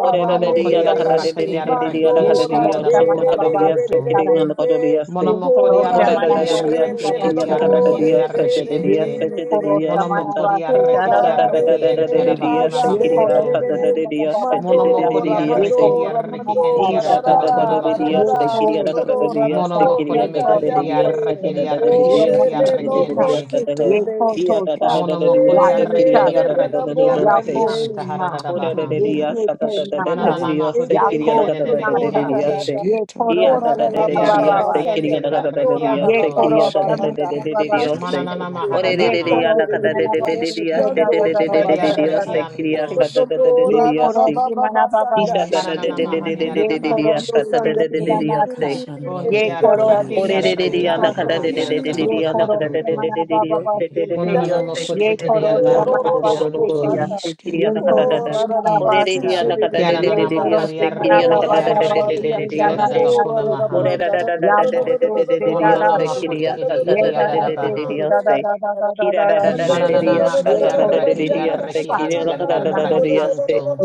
S3: Ora da da di
S5: Et
S2: Monomokodi
S3: ana kada de de
S2: arrakadi
S3: de
S5: eşke
S3: de de di
S5: et
S2: arraki
S3: ana
S1: Ye
S3: kada
S2: enti
S5: eşke
S3: di
S4: Mandora,
S1: koro
S3: yo
S2: adada
S5: toro
S3: shenda
S5: ad.
S1: samana
S2: bakuna
S3: kada di
S1: baba se
S3: yase
S2: makuntu.
S3: kiri ana
S1: karana.
S3: kada di yase.
S1: Ye
S2: Monomokodi
S1: koro
S5: Ere
S3: Ora da
S1: samana
S3: da
S2: arrakidi
S3: di di
S1: baba
S5: işke
S1: se
S2: arraki
S3: yase
S1: karana
S5: uşke
S3: kiri
S2: enti
S3: ana
S1: se
S5: toro
S3: kada da
S5: na
S3: di
S1: karana.
S2: arraketi
S5: ad
S3: yase de
S2: arraki
S5: eşke.
S3: de di
S2: ente.
S3: yase
S1: Ye
S3: de de
S1: koro
S3: di yase
S1: samana
S3: da.
S1: baba
S2: Monomokodi
S1: se
S2: arraketi
S3: Ora da da da
S2: arraki
S3: da da
S2: enti
S3: de
S1: karana.
S3: de di
S5: Ere
S2: adabakuna
S3: yase
S5: eşke
S3: kiri
S1: Yeko
S3: ana
S2: makuntu.
S5: et
S1: rosi
S3: kada da de
S5: yaro
S3: di
S1: mana
S5: işke.
S3: yase
S1: baba
S3: de de de
S1: secha.
S3: de de
S2: Monomokodi
S4: Mandora,
S3: di
S1: Yeko
S3: yase.
S2: arrakidi
S1: rosi
S2: arraki
S1: mana
S2: enti
S4: Mandora,
S1: kya
S3: Hisha
S4: da
S2: adada
S3: da
S4: da da
S5: Yaşke
S1: tha?
S3: da da
S2: bakuna
S3: da
S5: toro
S3: de di
S4: da da
S5: ere
S4: da
S3: yase
S2: makuntu.
S3: kiri
S5: eşke
S4: da da da da da da
S1: Yeko
S3: ana kada
S5: toro.
S3: da
S1: se
S4: da
S3: di
S4: da
S1: mana
S3: yase kiri
S2: Monomokoni
S3: ana
S1: se
S3: da da
S1: kya
S2: meki
S3: de
S1: ma
S4: da
S2: edi
S3: di
S1: to
S3: yase
S2: arraki
S4: da
S3: da
S1: se?
S3: da
S2: edi
S3: da
S5: Na
S3: da de
S2: arraki
S3: di
S5: işke
S1: Yena
S4: Ole
S2: enti
S3: yase
S4: de
S3: de
S2: arraki
S3: de
S1: rosi
S3: de di
S1: tha.
S4: lobro
S2: ente.
S3: yase
S5: turuşke
S3: da da.
S5: ta
S4: tekele,
S1: Yeko
S3: Iya
S5: ere
S1: to
S3: da da da
S5: eşke.
S1: sa?
S3: da de
S4: mande
S3: di
S2: Monomokodi
S1: Ya
S3: yase
S1: nee
S3: kiri
S2: arraki
S4: de
S1: cha
S3: ana
S2: edi
S4: de
S3: kada da
S4: de
S1: se?
S3: da
S4: da
S2: arraki
S3: da
S2: edi
S3: da
S5: Ed
S1: Ya
S3: da.
S2: arraki
S1: kyo
S4: borande,
S1: se
S2: anta
S5: eske
S1: ma?
S2: hadada
S5: toro
S2: baha.
S1: Yek
S5: iaro
S1: se nee
S5: is
S1: ma tha?
S2: Mananana mahudi
S4: mashende
S1: Ya
S2: edi
S1: kyo se
S2: edede
S1: ma
S2: beki
S4: masodora
S5: ni
S1: tha?
S4: da da
S2: ente.
S4: da,
S5: eske
S1: Yeko
S5: toro na
S4: ora
S1: rosi
S4: da
S5: ad
S4: la
S1: mana
S2: Yedi
S4: ba
S5: eske
S4: ba ba
S1: baba
S2: arrakienti
S4: sanda,
S2: ed
S1: secha.
S4: ora da
S5: ade
S4: la ba
S1: Yeko
S2: arrakianto.
S4: ba
S1: rosi
S4: ba
S5: eskero
S1: mana
S4: randa,
S5: ed
S1: baba
S5: eske
S1: secha.
S2: Mananana
S4: mashidiande
S1: Ye
S2: mahadabaha.
S4: mashidiande de
S1: korosi
S4: de de de,
S1: manabase te
S5: eskero
S1: da
S4: meshiando
S1: da
S4: ora
S1: da
S4: da
S5: ere
S1: da da
S4: ba
S2: Yedi
S1: da da da
S5: eskero
S4: sanda,
S1: da
S5: ed
S1: se
S4: sando
S2: arrakianto.
S1: te.
S4: do
S5: isk
S4: do
S1: Ye
S4: ora da la ba
S3: Ora
S1: korosi
S4: ba ba sanda,
S1: manababase
S5: neske
S1: te.
S2: Kananana
S4: ti
S5: toro
S4: ti
S5: na
S4: ti
S1: Ye
S5: ade
S4: ti
S2: mahadiadabaha.
S4: ti, o
S1: korosi
S5: iske
S1: te
S5: toro
S4: sanda,
S1: te
S4: ti ti ti
S1: ramata.
S4: ti ti ti
S2: Unti
S1: Ye
S4: ti anda,
S5: ia
S3: おれれれりやなかだれれれれれりやなかだれれれれれりよせてれれりよせきれれれれりやなことどろどろりやせきりやなかだだだ。おれれりやなかだれれれれりよせきりやなかだだれれれれれりよせ。おれららららられれれれれれりよせきりやさたたれれれれれりよせ。きららららられりやさたたれれれりやせきりやなかだだだれりやせ。おらららられれれれりよせてれりやなかだだだだれりよせ。
S2: arraki
S1: korosi
S2: edi
S1: mere te
S5: eskero
S2: arrakianto.
S5: ed
S1: soto.
S2: Kodi
S4: ti
S5: iske
S4: ti
S5: toro
S1: Ye
S2: adadabakona
S1: korosi
S2: makunto.
S1: manababase te.
S2: Mononona
S5: ad
S4: Yanda
S5: iske
S1: Ye
S2: makoti edi
S5: toro
S1: korosi
S5: iaro is
S1: manabase te.
S2: adarrakianto.
S5: iskero
S1: Ye
S5: na
S1: korosi
S5: aske toro
S1: manabasa.
S2: Kiananana
S1: Ye
S2: makadi
S1: korosi
S2: arraki edi
S5: ia eske
S2: arraki
S5: toro
S1: manabababase
S2: enti
S1: na
S5: ere
S1: na na na
S5: eske
S2: adadabakona
S1: te
S2: maha.
S1: te. Yamoto te
S5: ade
S2: Mononona
S1: da
S5: isk
S2: makodi edi
S1: ये
S2: edi
S1: दादा से
S2: adadabaha.
S1: se se da da da da da da da da se.
S2: Mananana
S5: eskoro ske
S1: Ye
S2: makadi
S5: toro
S1: koro
S2: arraki
S1: se
S2: edi
S5: ere
S1: mana
S2: arraki
S5: eske
S2: anti
S5: toro
S1: मना
S2: adarraki anto.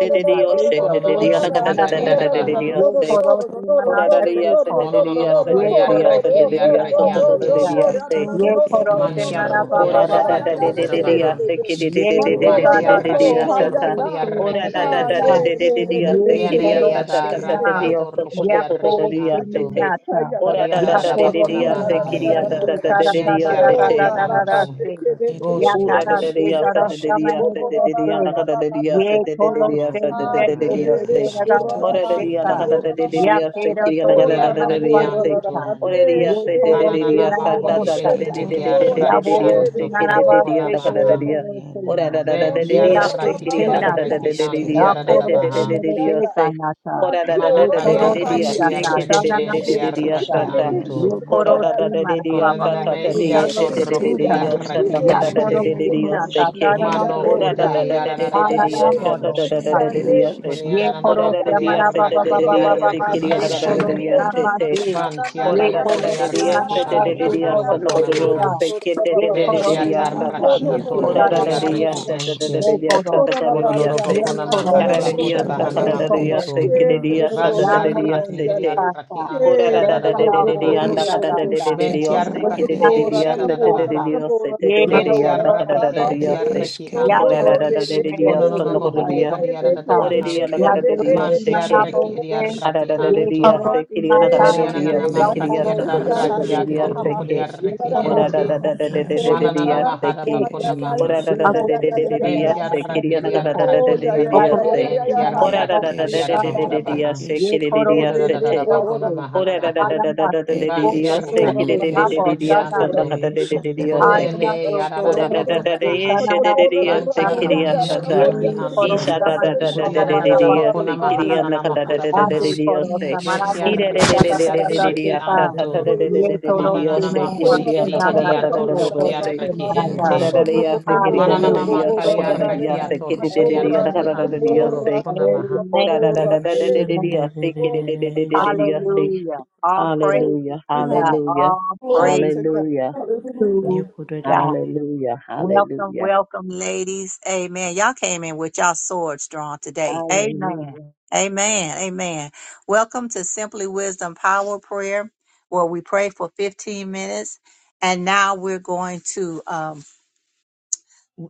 S1: दे ना se. जो से se mana ये na se se do
S2: Konononomo
S1: se
S2: kodi
S5: Ishke
S1: mana sa.
S5: toro
S2: adiadabaha.
S5: iaro
S1: Ye
S5: yaro
S1: koro
S5: toro
S1: se
S5: e
S1: mana
S3: Ora
S1: la
S3: da de
S1: se
S3: ya se de
S1: ko.
S3: de de ya
S2: Monononomo
S3: se
S1: Ye
S3: de
S2: kodi
S3: de de ya
S1: koro
S3: se
S2: arreki
S1: se
S3: de de de ya
S1: mira
S3: so
S1: la
S3: to
S5: ne
S1: से से
S3: de de de
S2: adiarrekianto.
S1: sa.
S3: ya se.
S5: eshketoro
S1: से
S5: er
S1: koro se mana
S2: Mantiarru
S1: ba
S2: kodi
S1: ये
S3: Ora
S1: ba
S3: da
S1: ba
S3: da da
S2: arrekiato
S1: se
S3: de de de
S1: se.
S3: de
S2: bokodabaha.
S3: ya se ki de
S5: eshk
S3: de de de de
S5: toro
S1: Ye
S3: de
S4: Mandoro
S1: da
S3: de
S5: er
S3: de
S1: da
S3: de de
S1: se
S5: eshk
S3: ya
S4: toko
S2: Mantiarrakiato
S3: sha ta.
S2: di
S4: hayana
S3: Ora
S2: arreki
S3: da da
S4: ha
S3: da
S2: ente.
S3: da
S4: ye
S3: de de
S4: re
S3: de de
S4: re
S5: ne
S4: re
S3: ya
S4: re
S3: se
S5: er
S3: ki
S4: ke
S3: de
S4: ke
S3: ya
S2: Kiene
S4: ke
S5: e
S3: ta ta
S2: yada
S3: ta ta
S5: eshkero
S4: ke ke
S3: ta de
S4: ke ke
S5: er
S3: ya
S2: rakiato
S3: so to
S5: ishk
S2: rukodi
S4: ke
S3: to to to
S4: ke.
S3: de
S2: arreki
S3: de ya
S4: Aka
S2: anto.
S3: se
S4: ka
S3: te.
S4: ka ka ya la la
S3: Ora
S2: Kodi
S4: la
S3: da
S4: la
S3: da
S2: adada
S1: Ya
S3: da
S4: ka
S3: de
S4: ka
S3: de
S1: poro
S3: de
S4: ka
S2: adadabakona
S4: ya
S3: ya
S1: se
S4: la
S5: ashketoro
S3: se
S4: la
S2: maha.
S4: la
S5: na
S3: ki de
S4: la
S3: ya
S1: manata
S3: ta
S4: la
S5: yaro
S4: la
S3: ta
S1: se
S4: la
S3: ta
S4: la.
S3: de
S1: tara
S3: de
S5: ishk
S3: de
S1: da
S3: ya
S1: da da
S3: se
S1: da
S3: te.
S4: Oh,
S1: da
S2: Kientiarraki
S4: la
S1: da
S4: la
S1: da
S4: ba
S2: anto.
S1: da
S4: se
S1: se.
S4: ke be
S5: er
S4: be
S2: Bon
S4: be
S1: Ya
S5: eshke
S4: be
S3: Ura da
S4: be
S1: tara
S3: da
S5: toro
S4: be
S1: se
S5: er
S3: dia
S4: be
S3: sa
S4: ba
S1: tara
S3: da
S4: no
S3: da
S1: sa
S4: no bo
S3: dia
S1: mane
S5: ishketoro
S3: sa
S4: bo
S1: de
S3: da
S4: ro
S1: de
S3: da
S4: ra
S3: dia
S4: ra
S3: da
S4: ba
S3: ka
S1: se.
S3: da
S4: ba
S3: da
S4: ba
S3: dia
S4: ta
S3: sa
S1: Ye
S4: ta
S3: da da
S4: ta.
S3: da
S1: poro
S3: dia
S1: se
S3: sa da
S4: Ah,
S3: da
S1: mere
S3: da
S4: se
S3: da
S1: de
S4: re
S5: er
S3: dia
S1: se
S4: re
S3: sa.
S1: se
S4: no
S1: da
S4: bo
S1: da
S4: ro ra
S1: da
S4: da
S5: eshketoro
S1: da
S3: Ora
S4: ha
S3: da
S1: se
S5: er
S4: ya
S3: dia
S4: na
S3: da ka
S1: ta.
S4: bo
S3: da
S5: yaro
S4: ro
S3: da
S4: ra
S3: da
S4: da
S3: da
S4: ba
S1: Ya
S3: dia
S4: ya.
S3: sa
S1: pero
S5: toro
S3: kiri da
S1: to
S4: Oh,
S3: ka
S2: kodi
S3: da
S1: se
S4: la
S3: da da
S4: la
S3: da
S4: bo
S1: manaba
S3: dia
S4: ro
S3: sa.
S4: ra
S1: se
S4: ra
S1: ta.
S4: ra
S2: arrekianto.
S4: te
S3: Ora dia
S1: Ye
S4: re
S3: sa
S4: re
S3: da da
S1: poro
S3: da
S4: re
S1: se
S4: re
S3: dia
S4: bo
S2: Kananama
S3: sa
S4: ro re
S3: ta
S1: manaba
S2: kodi
S3: ta
S4: re
S1: sa
S3: da
S4: re
S3: da
S5: Ishke
S2: edi
S4: re
S1: ta.
S3: da
S4: re
S3: da
S2: edi
S5: toro
S3: da
S4: yo
S3: da
S4: ra
S1: Ya
S3: da
S5: iaro yaro
S4: ra
S3: da
S4: re re
S1: poro
S3: dia
S1: se
S4: re
S3: sa
S2: arrakianto
S4: re
S5: shketoro
S3: ke
S5: er
S3: da
S4: yo
S3: da
S1: manaba
S4: ra
S3: dia
S4: ra
S2: kodobokona
S1: se
S4: ra
S3: da ka
S4: bo
S1: se
S5: ishke.
S3: da
S4: ro
S3: da
S1: da
S2: maha.
S1: da
S4: ta.
S3: dia.
S1: da se
S3: Ora
S1: na.
S3: da da da
S2: Ben
S4: Non
S3: da da
S4: do
S1: Ye ra
S4: ra
S3: dia sa
S4: la
S5: Neshke
S1: po
S2: tiarraki
S4: ba
S3: kiri
S1: se
S4: ba
S3: da
S5: toro
S3: ka
S1: na
S4: se
S3: da da
S1: ta.
S4: ke
S3: da
S2: ediarraki
S3: da
S4: ke
S3: da
S2: an
S4: ke
S3: dia
S1: Ya
S5: neshketoro ishkero
S4: ke
S3: sa
S5: er
S1: poro
S3: da
S4: re
S3: da
S4: re
S3: da
S1: se
S4: re
S3: da
S5: ishk
S2: tiaradabaha.
S3: da
S1: mere
S4: ya
S3: dia
S1: de
S4: ga.
S3: sa.
S1: ta na ta.
S4: Man
S3: Ora da
S4: do
S3: da da
S2: Mana
S1: Ye
S3: da
S4: ra
S3: da
S4: la
S5: ere
S1: poro
S3: da
S4: ba
S2: kariarraki
S1: si
S3: dia
S4: si
S1: ya
S3: sa
S4: ke.
S1: ta
S5: eshkero
S3: ke da
S1: ta
S2: ediarraki
S3: da
S1: na
S3: da
S1: na
S2: en
S4: Ke
S3: da
S1: de
S5: ishk
S3: da
S4: se
S6: Handorobobo
S1: su
S3: dia
S4: ke
S2: tiarraki
S3: sa
S1: ta.
S4: re
S3: ta.
S6: shandere
S4: re re
S2: anto.
S6: yandorobobo.
S3: Kora
S1: Yekoro
S3: da
S4: ora
S3: da
S4: ra.
S3: da
S1: sima
S3: de
S1: na
S4: da.
S3: de ya
S1: baba
S3: sa
S6: Handoro
S1: ba
S2: Konanana
S3: ta ta de
S4: Oh,
S1: seta
S6: yandorobo
S3: ye
S1: no
S3: te
S2: mehiato
S3: de de
S6: shandere
S3: de de
S5: Iasquetoro
S3: de
S1: seta.
S6: yande.
S5: na
S3: ya sa
S5: are
S3: da
S2: rokriarraki
S3: ka da
S5: esk
S3: da de
S1: Yakoro
S6: Handere
S2: ente.
S3: de de de ya
S1: sima
S6: yandorobo
S3: se ke.
S6: shandere
S1: tatara no
S6: yandere
S2: Mano
S3: Ora
S6: yande.
S3: da
S1: tosa.
S3: da
S2: kude
S3: da da de
S5: et
S3: de de
S1: Hana
S3: de ya
S1: na
S3: sa
S5: eskero
S2: yaradadabaha.
S6: Handaraba
S3: ta
S1: moro
S3: da da da
S5: ere
S3: da
S6: shandere
S3: de
S1: sate.
S3: de
S5: iaro
S3: ya se.
S6: yandorobobo
S5: isk
S2: Kunyanana
S6: shandere.
S3: Ora
S1: Yekoro
S3: da de de
S1: sama
S3: ya
S1: na
S3: se te
S1: baba
S6: Abara
S3: de
S2: makodiarraki
S1: ba
S3: de de
S1: ba
S6: yandere
S3: ya
S1: ba ba
S3: se
S1: ba
S3: ke
S2: ediarraki
S3: de ya
S6: yandorobobo
S3: na ka da da
S2: ente.
S3: de
S5: iskero
S1: sekoro
S6: shandere
S3: ya
S5: ere
S6: yandoro.
S3: se
S1: sama
S3: te.
S1: te.
S5: esket
S2: Ban
S3: Ora
S6: Handere
S3: da da
S6: yandere
S3: da
S1: Yekoro
S3: de de
S1: sima
S3: ya
S6: yandorobo
S1: na
S3: se
S2: tiarrokodiarraki
S3: te
S1: ta
S3: de
S6: shandere
S3: de
S2: anto
S3: de ya
S6: yandoro.
S3: sa
S1: sekoro
S3: na
S1: ta
S3: ka da ro
S1: seta.
S2: kodobokonamaha.
S3: se ke te de
S5: asketoro
S3: de
S2: Ben
S3: de de
S1: Yekoro
S3: de
S6: Handere
S3: ya
S1: sima na
S3: sa
S6: yambara
S5: isketoro
S1: ta
S3: ta.
S2: tiatarraki
S5: na
S6: shandere
S1: seta
S3: Ora
S5: ad
S6: yandere
S3: da
S1: na
S3: da de
S1: ta
S3: ya
S2: atorrokodiarraki
S1: sa.
S6: yandorobobo
S3: sa
S5: esketoro
S3: ta da
S2: ente.
S3: da
S6: shandere
S3: de ya
S6: yande.
S3: sa
S1: Yekoro
S3: ta
S4: Kotora
S3: ka
S1: sa.
S3: da de ya se.
S4: Rabarianda,
S6: Handere
S1: Yekoro
S3: Ka da
S4: Andorra
S1: sa.
S6: yandorobobo
S3: de
S4: Brota
S3: ya sa
S5: nesketoro
S6: shandere
S3: ka
S2: Kododobokonamakarabakudabahana
S3: da
S5: ere
S3: da
S6: yande.
S4: Payanda,
S3: de ya
S1: Yekoro
S3: se
S2: makunto.
S3: ke
S1: sima.
S5: eskero
S3: de
S4: Ken
S3: de
S5: et
S3: ya sa da
S4: Rodora
S5: is
S3: da de ya
S1: Yamoro
S2: Vantiarraki
S3: se te.
S4: Rosiate,
S1: seta sa.
S2: eriarraki
S3: Ora da
S4: Ken
S1: Yes,
S3: da da de de
S2: antiaradadabakuna
S3: de de
S4: Rodotoro
S3: yanda kada de de de de
S4: Rosita,
S3: de
S5: iskrusketoro
S3: yose kede
S5: ere
S3: de
S2: Mentiarraki
S3: de de
S4: Patotora,
S5: eske
S3: yase te de
S4: Rabora,
S3: de de
S2: entiaradadabaha.
S3: yose
S4: Rabora,
S3: te de de de
S4: Rabora,
S3: yanda kada
S2: Mentiarraki
S3: da da de
S4: Rababa,
S5: are
S3: yose
S2: entiarraki
S4: no,
S5: eskero
S4: no,
S3: kora da
S2: anto.
S4: no,
S5: et
S3: da da
S4: de,
S3: de
S4: de,
S3: de
S5: isk
S3: de
S4: de, de,
S3: yase
S2: Kononono
S4: de,
S3: no kora
S4: de,
S3: de
S2: mohodi
S3: yase
S4: de, de, de, de,
S3: ore de
S2: adiaradadabaha.
S4: de, de, de,
S3: yanda
S5: iskero
S3: kada
S4: de,
S3: de de
S4: de,
S5: are
S4: de, de,
S3: yose ke
S2: Mantiarraki
S5: eskero
S4: de, de,
S5: isk
S3: ada
S2: eriarraki
S3: da da de de
S2: anto.
S3: yase kiri yanda
S4: Monday,
S3: kada de de
S5: iskero
S4: Monday,
S2: Koneanana
S3: yase
S5: ere
S3: kiri
S4: Monday.
S3: yase
S5: ere
S3: to to
S4: Yeah,
S3: to
S4: yeah,
S3: to
S2: makatiaradarraki
S3: de
S4: yeah.
S3: de
S5: iarusk
S4: Ha, ha,
S3: yase
S4: ha,
S3: ke
S4: yeah, da, da,
S2: atorrukodiarraki
S4: da, ha,
S3: ora
S4: yeah.
S3: da da
S2: ente.
S3: da de de
S4: yeah.
S3: de
S4: Oh,
S3: de de
S4: yeah,
S3: de
S4: da,
S2: Mananana
S5: iasquetoro
S4: da, ha,
S3: yase
S5: are
S4: ha,
S3: ke
S4: yeah,
S2: mahadabakuna
S4: yeah,
S3: ora
S2: maha.
S3: da
S5: esketoro
S1: Yeh
S3: da
S4: yeah,
S3: da
S4: yeah,
S3: de
S4: yeah,
S3: de
S1: khoorost
S4: yeah,
S3: de
S1: mein
S4: yeah,
S3: de
S4: yeah,
S3: de
S4: yeah,
S1: mera
S4: yeah,
S1: naam
S3: yase
S4: yeah.
S3: kiri
S2: Ventiarraki
S3: yanda
S1: nahi
S3: kada da
S1: saa,
S3: da de
S4: Oh,
S2: eriarraki
S3: de
S4: yeah,
S3: de
S4: yeah,
S3: de
S1: yeh
S4: yeah, yeah, yeah,
S1: thora
S2: eriarraki
S4: yeah,
S3: yase
S4: yeah,
S1: usi
S4: yeah, ha,
S1: mera
S4: yeah, da,
S3: ora
S5: Ed
S3: da
S4: da, da,
S1: badshah
S3: da
S2: entiarraki
S3: da de
S4: da,
S3: de de
S4: da,
S3: de
S1: badshah,
S4: da,
S3: de
S5: eskero
S4: da.
S3: de
S5: ed
S2: adiarabahodabaha.
S3: yase
S1: yeh
S5: isk
S3: kiri de de
S4: Eh,
S1: khoorost
S4: le,
S3: yase
S1: mein
S4: le,
S3: te
S4: bo,
S1: aaj
S4: ro,
S2: Bodadadadabakuna
S4: da,
S1: saa,
S4: da,
S2: mahana
S3: Ora da da
S2: maha.
S3: da
S1: marna
S3: da da
S1: saa,
S3: da da
S5: ed
S3: de de
S2: Vanti
S1: khoorost
S3: dia se
S5: eskero
S3: ke
S1: khoorost,
S2: arraki
S3: de de
S2: edi
S3: de
S1: maa
S5: iaro
S3: de
S1: bo
S3: de
S2: arraki
S5: isk
S1: saa
S3: dia
S1: nahi,
S3: sanda
S2: anto.
S3: kata de
S5: usk
S3: de de dia
S5: tara
S3: se ke.
S5: are
S1: aarna
S2: Kunene
S1: toh toh
S5: esketo
S1: le
S3: Ora
S2: yararara
S3: da da da
S2: bakuna
S4: brota.
S3: de
S1: de
S3: ye
S2: maha.
S1: saa
S3: she de
S1: nahi
S3: de
S4: Sandora
S1: saa
S4: da,
S3: dia
S2: Vanti
S3: se
S4: brande,
S3: ke
S5: ia
S1: saa,
S3: dia
S4: yanda
S2: arrukri
S3: sata.
S5: eskero
S2: arraki
S1: yeh
S2: anto.
S1: khoorost
S3: Isha
S5: iaro
S4: da,
S3: da
S1: mein
S3: da da
S1: aaj
S5: isk
S3: da
S1: ba
S2: Kuri
S3: de
S1: ba
S3: de
S1: ba
S3: de
S1: ba
S2: yararara
S1: ba
S3: dia
S2: bakuna
S3: se ke
S2: maha
S1: saa,
S3: dia
S4: da,
S3: na
S2: nanana
S3: kata da
S2: makuda
S3: da
S4: yeah.
S3: da
S1: aaj
S3: de de
S2: baha.
S5: nsk
S3: dia
S5: ia
S1: khoorost
S3: se.
S1: mein aaj
S2: Beti
S1: bo
S3: Ki
S5: skero
S3: de
S1: saa,
S3: de de
S2: arraki
S5: ar
S3: de
S2: edi
S1: aaj
S3: de de de
S1: aaj
S3: de
S4: Mashende,
S1: aaj
S5: eske
S2: arraki
S3: dia
S1: saa,
S3: sata ta
S2: anto.
S3: de de de
S1: yeh
S3: de
S4: mashorororoka,
S3: de de
S1: thora
S3: dia
S1: usi
S5: ne
S2: Mananana
S3: she
S1: mein
S3: ke de
S1: aaj
S2: makudi
S3: dia
S1: saa
S3: na
S2: edi
S5: esketo
S4: kororarapa,
S1: naam
S3: kata
S2: edi
S3: da
S1: nahi
S3: da da da da
S1: kuchh
S3: do
S2: atorrukri
S4: pohoyararapa,
S3: se.
S1: kuchh
S5: usketoro
S2: arraki
S4: pare,
S1: nahi
S5: iaro
S1: nahi.
S2: ente.
S3: Ora da de ya se
S5: skero
S3: ke de da da de
S2: Mananana
S5: are
S1: Hallelujah.
S3: dia se
S2: makari
S3: ko da da de
S5: eskero
S1: Amen.
S4: pobobobobobobobororarare,
S2: arraki
S3: ya
S5: ed
S3: se ke de de de
S2: atorrukri
S5: eske
S3: de dia na
S4: matorande,
S2: arraki
S3: kata da da
S1: Amen.
S3: de
S2: anto
S3: dia
S2: dolo
S3: se.
S4: borate,
S2: kuna maha.
S3: Ora
S1: Amen.
S3: da da da da
S4: kotorate,
S3: de de de
S1: Amen.
S3: dia se ke
S7: Thank
S3: de de de de de de
S4: kororarapa.
S3: dia se.
S1: Hallelujah. All praises
S3: Hallelujah,
S1: to
S4: Ah,
S1: God.
S3: hallelujah,
S1: All
S4: Glory
S1: praises
S4: to
S3: hallelujah,
S4: God.
S1: to God.
S3: hallelujah,
S1: Welcome,
S3: hallelujah,
S1: welcome, ladies. Amen. Y'all came in with y'all swords drawn today. Amen.
S3: hallelujah.
S1: Amen. Amen. Welcome to Simply Wisdom Power Prayer, where we pray for 15 minutes. And now we're going to um.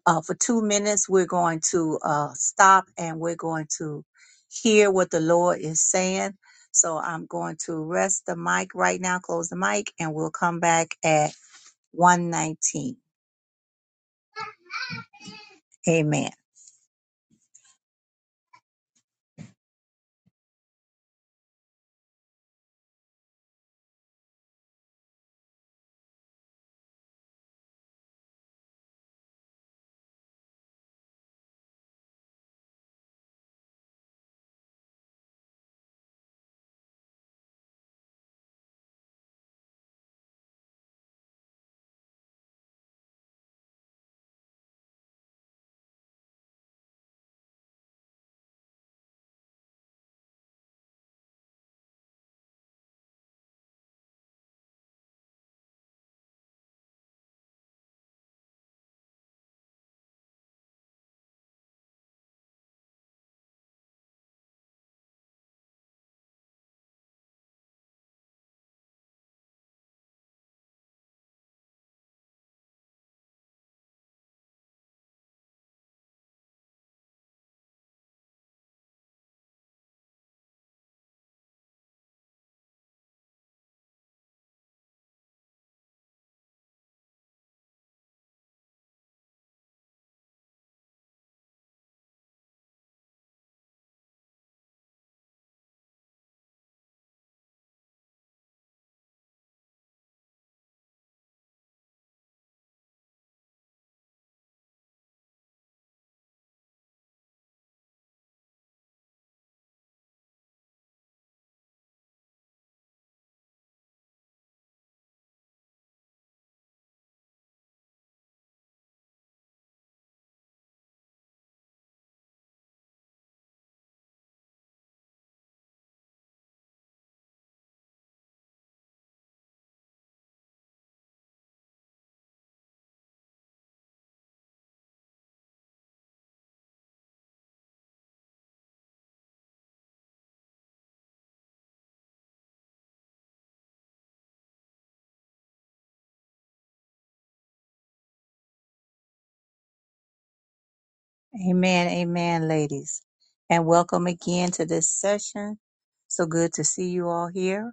S1: uh, for two minutes. We're going to uh, stop and we're going to hear what the Lord is saying. So I'm going to rest the mic right now, close the mic, and we'll come back at 119. Amen. Amen. Amen, ladies. And welcome again to this session. So good to see you all here.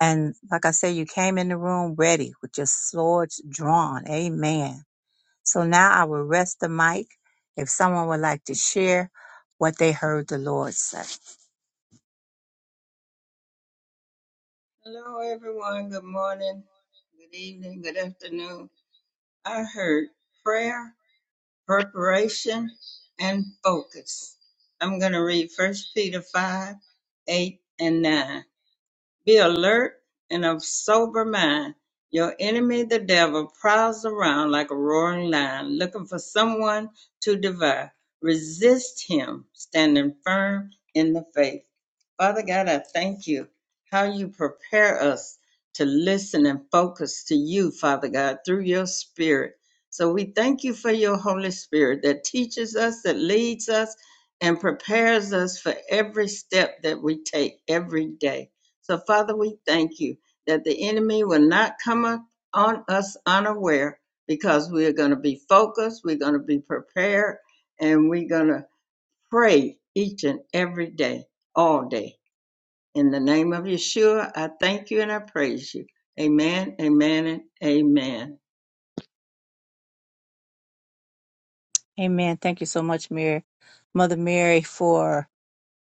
S1: And like I said, you came in the room ready with your swords drawn. Amen. So now I will rest the mic if someone would like to share what they heard the Lord say.
S8: Hello, everyone. Good morning, good evening, good afternoon. I heard prayer, preparation, and focus. I'm going to read First Peter 5 8 and 9. Be alert and of sober mind. Your enemy, the devil, prowls around like a roaring lion, looking for someone to devour. Resist him, standing firm in the faith. Father God, I thank you how you prepare us to listen and focus to you, Father God, through your spirit. So we thank you for your Holy Spirit that teaches us, that leads us, and prepares us for every step that we take every day. So, Father, we thank you that the enemy will not come up on us unaware because we are going to be focused, we're going to be prepared, and we're going to pray each and every day, all day. In the name of Yeshua, I thank you and I praise you. Amen, amen, and amen.
S1: Amen. Thank you so much, Mary, Mother Mary, for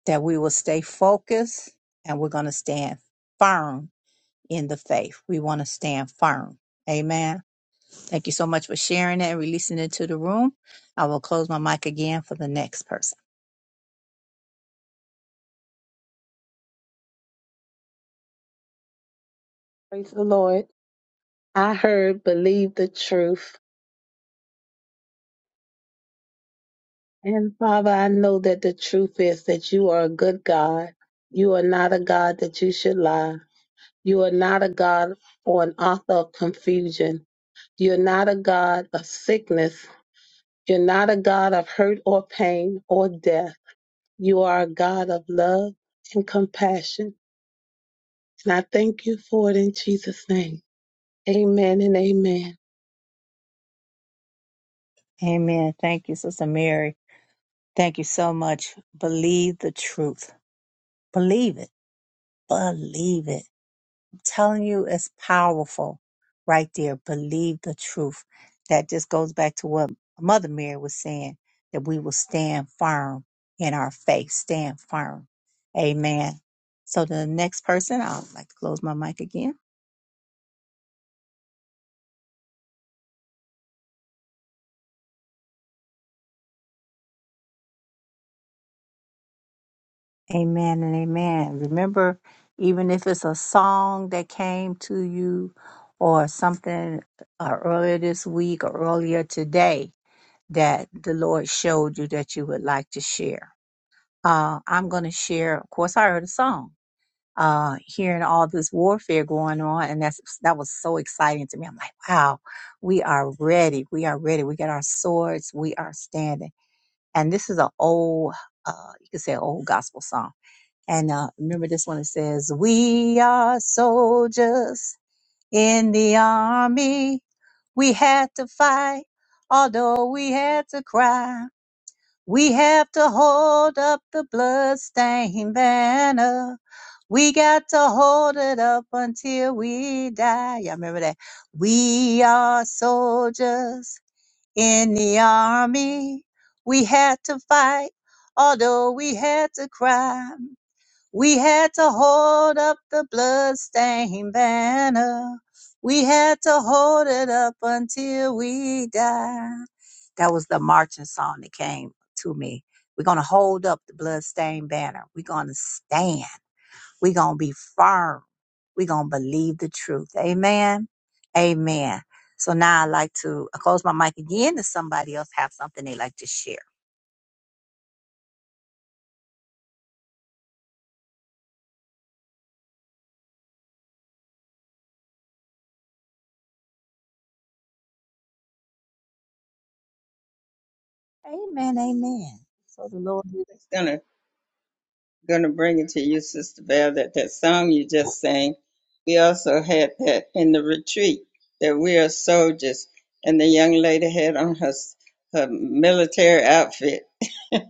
S1: that we will stay focused and we're going to stand firm in the faith. We want to stand firm. Amen. Thank you so much for sharing that and releasing it to the room. I will close my mic again for the next person.
S3: Praise the Lord. I heard, believe the truth. And Father, I know that the truth is that you are a good God. You are not a God that you should lie. You are not a God or an author of confusion. You're not a God of sickness. You're not a God of hurt or pain or death. You are in And I thank you. Amen.
S1: Amen. Thank you, Sister Mary. Thank you so much. Believe the truth. Believe it. Believe it. I'm telling you, it's powerful right there. Believe the truth. That just goes back to what Mother Mary was saying that we will stand firm in our faith. Stand firm. Amen. So, the next person, I'd like to close my mic again. Amen and amen. Remember, even if it's a song that came to you or something uh, earlier this week or earlier today that the Lord showed you that you would like to share. Uh, I'm going to share, of course, I heard a song. Uh, hearing all this warfare going on, and that's that was so exciting to me. I'm like, wow, we are ready. We are ready. We got our swords. We are standing. And this is an old, uh, you could say, an old gospel song and uh, remember this one, it says, We are soldiers in the army. We had to fight, although we had to cry. We have to hold up the bloodstained banner. We got to hold it up until we die. Y'all remember that? We are soldiers in the army. We had to fight, although we had to cry. We had to hold up the bloodstained banner. We had to hold it up until we died. That was the marching song that came to me. We're going to hold up the bloodstained banner. We're going to stand. We're going to be firm. We're going to believe the truth. Amen. Amen. So now I'd like to I close my mic again if somebody else have something they like to share. Amen. Amen. So the Lord.
S8: It's going to going to bring it to you, Sister Val, that that song you just sang, we also had that in the retreat, that we are soldiers. And the young lady had on her, s- her military outfit and,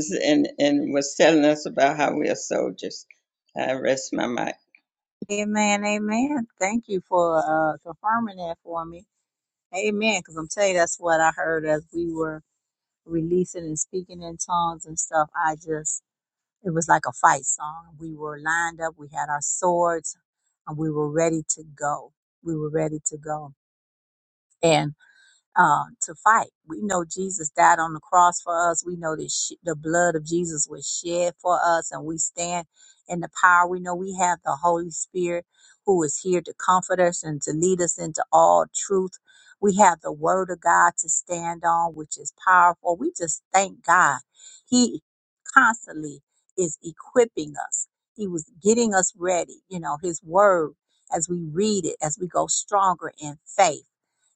S8: s- and, and was telling us about how we are soldiers. I rest my mic.
S1: Amen, amen. Thank you for uh, confirming that for me. Amen. Because I'm telling you, that's what I heard as we were releasing and speaking in tongues and stuff. I just, it was like a fight song. We were lined up, we had our swords, and we were ready to go. We were ready to go. um, to fight. We know Jesus died on the cross for us. We know that sh- the blood of Jesus was shed for us, and we stand in the power. We know we have the Holy Spirit who is here to comfort us and to lead us into all truth. We have the Word of God to stand on, which is powerful. We just thank God. He constantly is equipping us, He was getting us ready. You know, His Word as we read it, as we go stronger in faith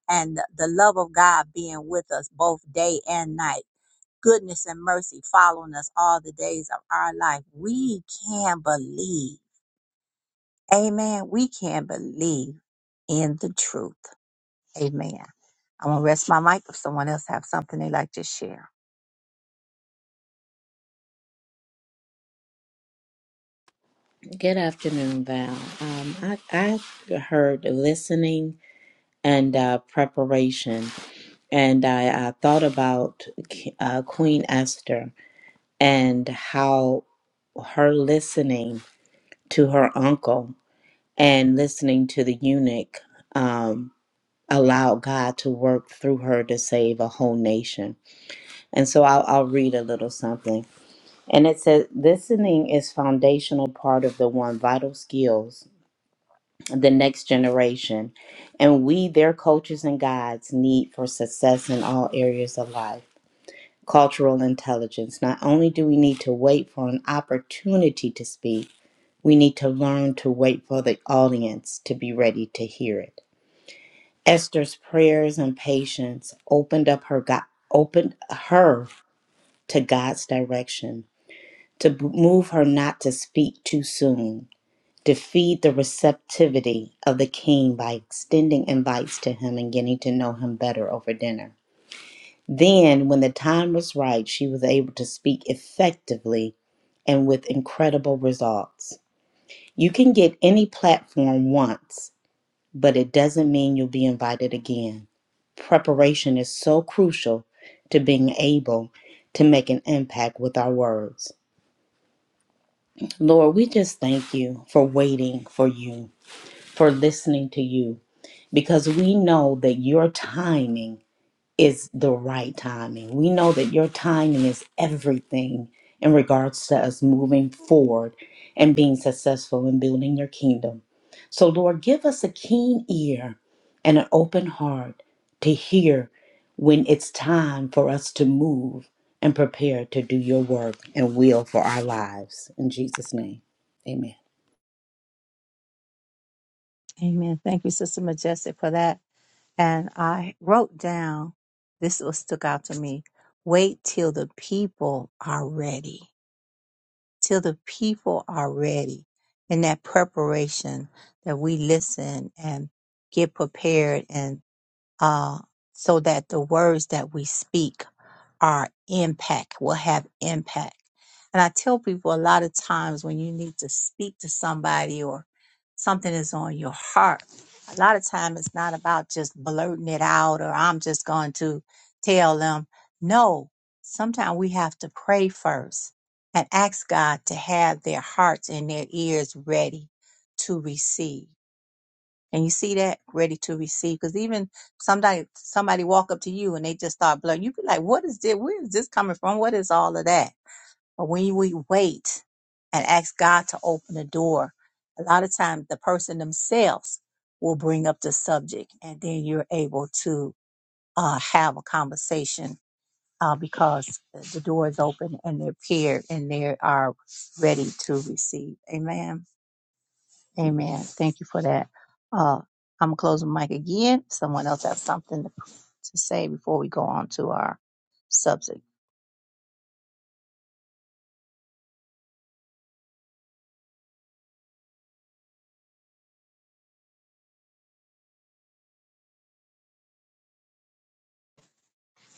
S1: and the love of God being with us both day and night. Goodness and mercy following us all the days of our life. We can believe. Amen. We can believe in the truth. Amen. I'm going to rest my mic if someone else have something they'd like to share.
S9: Val, um, I, I heard listening and uh, preparation, and I, I thought about uh, Queen Esther and how her listening to her uncle and listening to the eunuch um, allowed God to work through her to save a whole nation. And so I'll, I'll read a little something. And it says, listening is foundational part of the one vital skills the next generation. And we, their coaches and guides, need for success in all areas of life. Cultural intelligence. Not only do we need to wait for an opportunity to speak, we need to learn to wait for the audience to be ready to hear it. Esther's prayers and patience opened up her God, opened her to God's direction, to b- move her not to speak too soon, to feed the receptivity of the king by extending invites to him and getting to know him better over dinner. Then, when the time was right, she was able to speak effectively and with incredible results. You can get any platform once, but it doesn't mean you'll be invited again. Preparation is so crucial to being able to make an impact with our words. Lord, we just thank you for waiting for you. for listening to you because we know that your timing is the right timing. We know that your timing is everything in regards to us moving forward and being successful in building your kingdom. So, Lord, give us a keen ear and an open heart to hear when it's time for us to move and prepare to do your work and will for our lives. In Jesus' name, amen.
S1: Amen. Thank you, Sister Majestic, for that. And I wrote down this was stuck out to me. Wait till the people are ready. till the people are ready. In that preparation, that we listen and get prepared and uh, so that the words that we speak are impact, will have impact. And I tell people a lot of times when you need to speak to somebody or something is on your heart, a lot of time it's not about just blurting it out or I'm just going to tell them. No, sometimes we have to pray first and ask God to have their hearts and their ears ready to receive. And you see that ready to receive. Because even somebody somebody walk up to you and they just start blowing, you be like, What is this? Where is this coming from? What is all of that? But when we wait and ask God to open the door, a lot of times the person themselves will bring up the subject and then you're able to uh, have a conversation uh, because the door is open and they're prepared and they are ready to receive. Amen. Amen. Thank you for that. Uh, I'm gonna close the mic again. Someone else has something to, to say before we go on to our subject.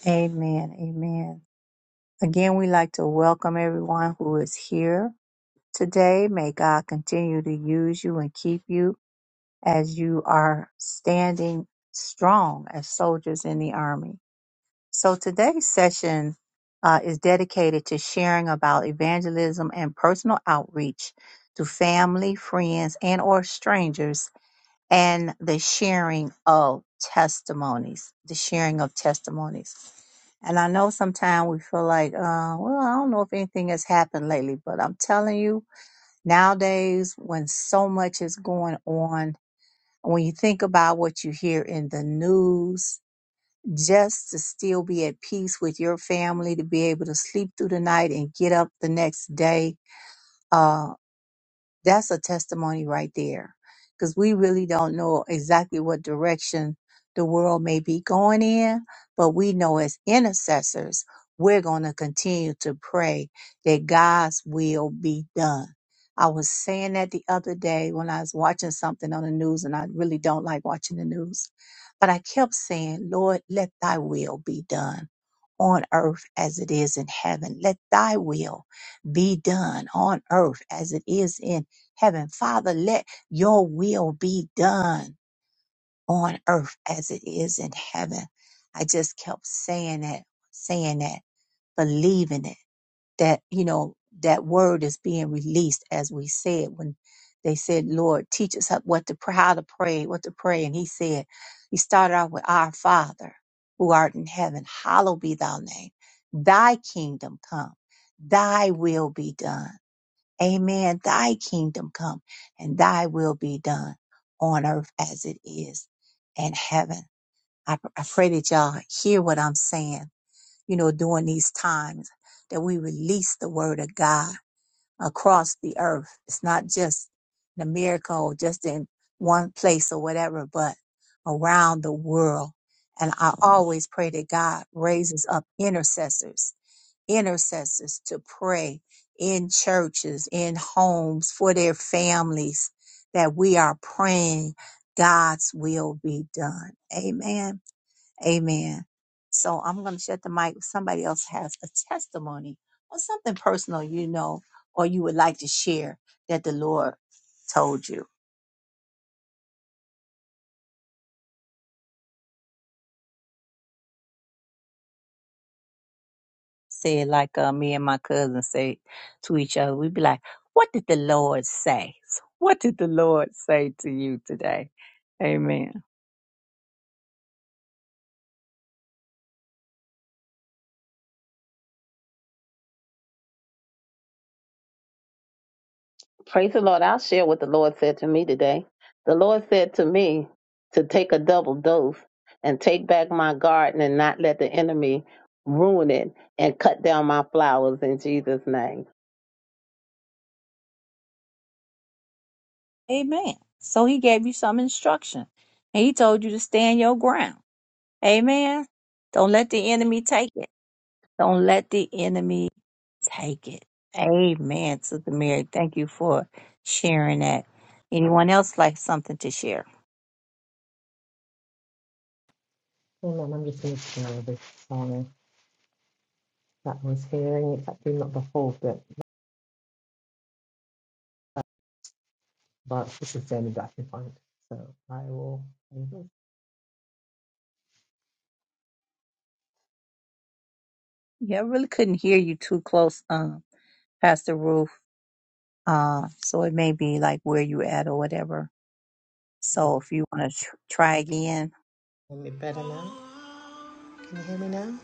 S1: Amen. Amen. Again, we like to welcome everyone who is here today. May God continue to use you and keep you as you are standing strong as soldiers in the army. So today's session uh, is dedicated to sharing about evangelism and personal outreach to family, friends, and or strangers and the sharing of testimonies, the sharing of testimonies. And I know sometimes we feel like, uh, well, I don't know if anything has happened lately, but I'm telling you, nowadays when so much is going on, when you think about what you hear in the news, just to still be at peace with your family, to be able to sleep through the night and get up the next day. Uh, that's a testimony right there. Because we really don't know exactly what direction the world may be going in, but we know as intercessors, we're going to continue to pray that God's will be done. I was saying that the other day when I was watching something on the news, and I really don't like watching the news, but I kept saying, Lord, let thy will be done on earth as it is in heaven. Let thy will be done on earth as it is in heaven. Father, let your will be done on earth as it is in heaven. I just kept saying that, saying that, believing it, that, you know, that word is being released as we said when they said, Lord, teach us how- what to pray, how to pray, what to pray. And he said, he started off with our Father who art in heaven, hallowed be thy name. Thy kingdom come, thy will be done Amen. Thy kingdom come and thy will be done on earth as it is in heaven. I, pr- I pray that y'all hear what I'm saying, you know, during these times that we release the word of God across the earth. It's not just in America or just in one place or whatever, but around the world. And I always pray that God raises up intercessors intercessors to pray in churches, in homes, for their families, that we are praying God's will be done. Amen. Amen. So I'm going to shut the mic. If somebody else has a testimony or something personal, you know, or you would like to share that the Lord told you. say like uh, me and my cousin say to each other. We'd be like, "What did the Lord say? What did the Lord say to you today?" Amen.
S3: Praise the Lord. I'll share what the Lord said to me today. The Lord said to me to take a double dose and take back my garden and not let the enemy ruin it and cut down my flowers in Jesus' name.
S1: Amen. So He gave you some instruction, and He told you to stand your ground. Amen. Don't let the enemy take it. Don't let the enemy take it. Amen, Sister Mary. Thank you for sharing that. Anyone else like something to share?
S2: Oh, no, I'm just going to this song that I was hearing. It's actually not the whole bit. but this is the only that I can find. So I will.
S1: Yeah, I really couldn't hear you too close, um, Pastor Ruth. Uh, so it may be like where you at or whatever. So if you want to tr- try again,
S2: Hear me better now? Can you hear me now?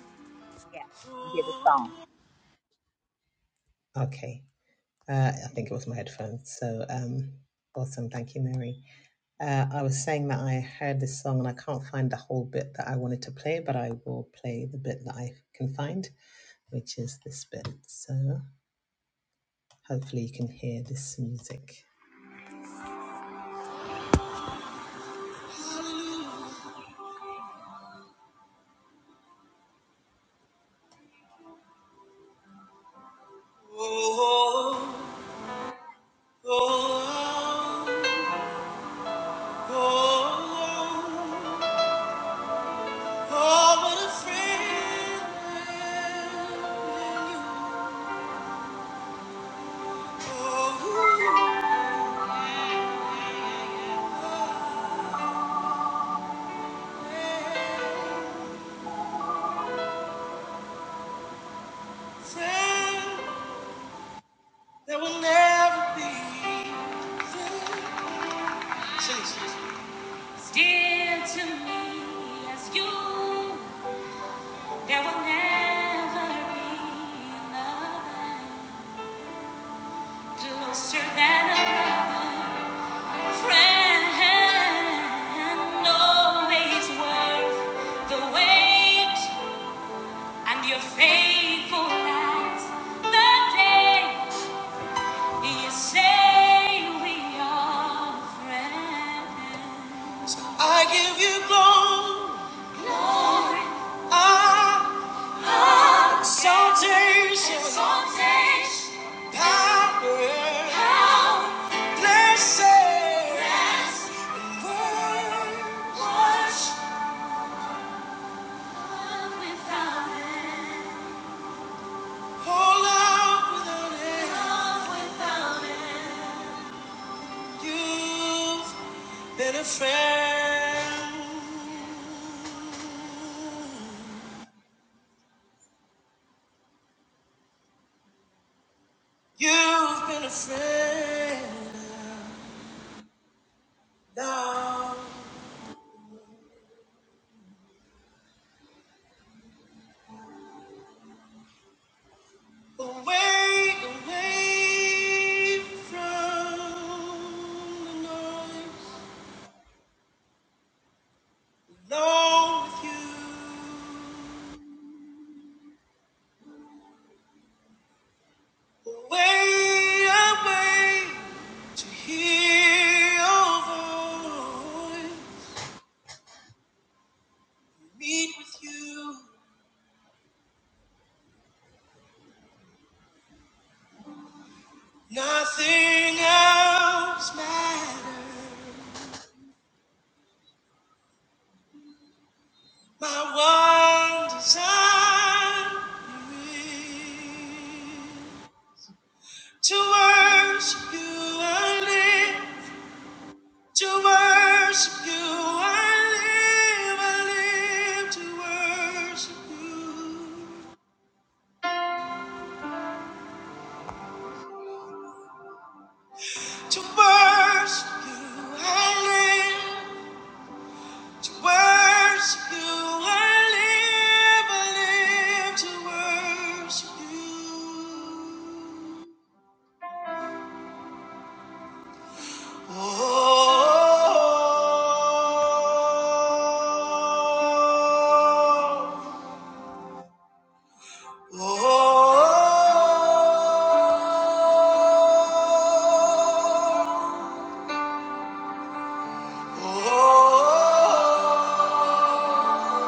S1: yeah, you get a song.
S2: Okay. Uh, I think it was my headphones. So um, awesome. Thank you, Mary. Uh, I was saying that I heard this song and I can't find the whole bit that I wanted to play, but I will play the bit that I can find, which is this bit. So hopefully you can hear this music. Oh, what a friend you Friend that will never be. Sing Still to me as you, there will never be another closer than a brother. Friend always worth the wait, and your faithful lies the day you say we are friends. I give you glory, glory. I Salvation, Exaltation. power, Power. blessing, Blessing. and worship. Worship. Love without end. Oh, love without end. Love without end. You've been a friend. You've been a friend. Now. Away, away from the noise, alone with you. Away, away to hear your voice. Meet with you, nothing else matters. My one desire is to worship you. I live. To worship you, I live, I live to worship you. To worship you, I live. To worship you, I live, I live to worship you. Oh. Oh, oh, oh,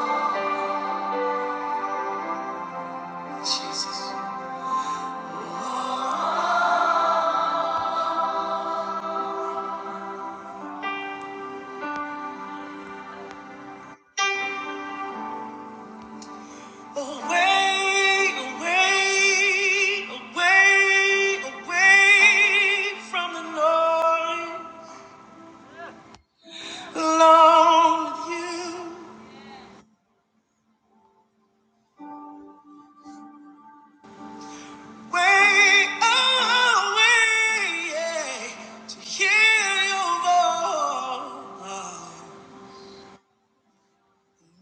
S2: Away, away, away, away from the noise. Alone with you. Way away, yeah, to hear your voice.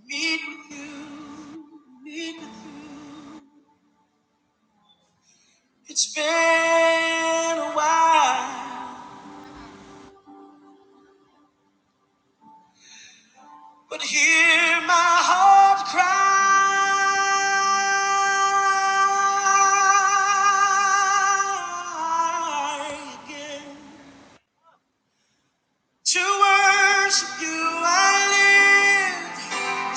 S2: Meet with you, meet with you. It's been a while, but hear my heart cry again. To worship you, I live.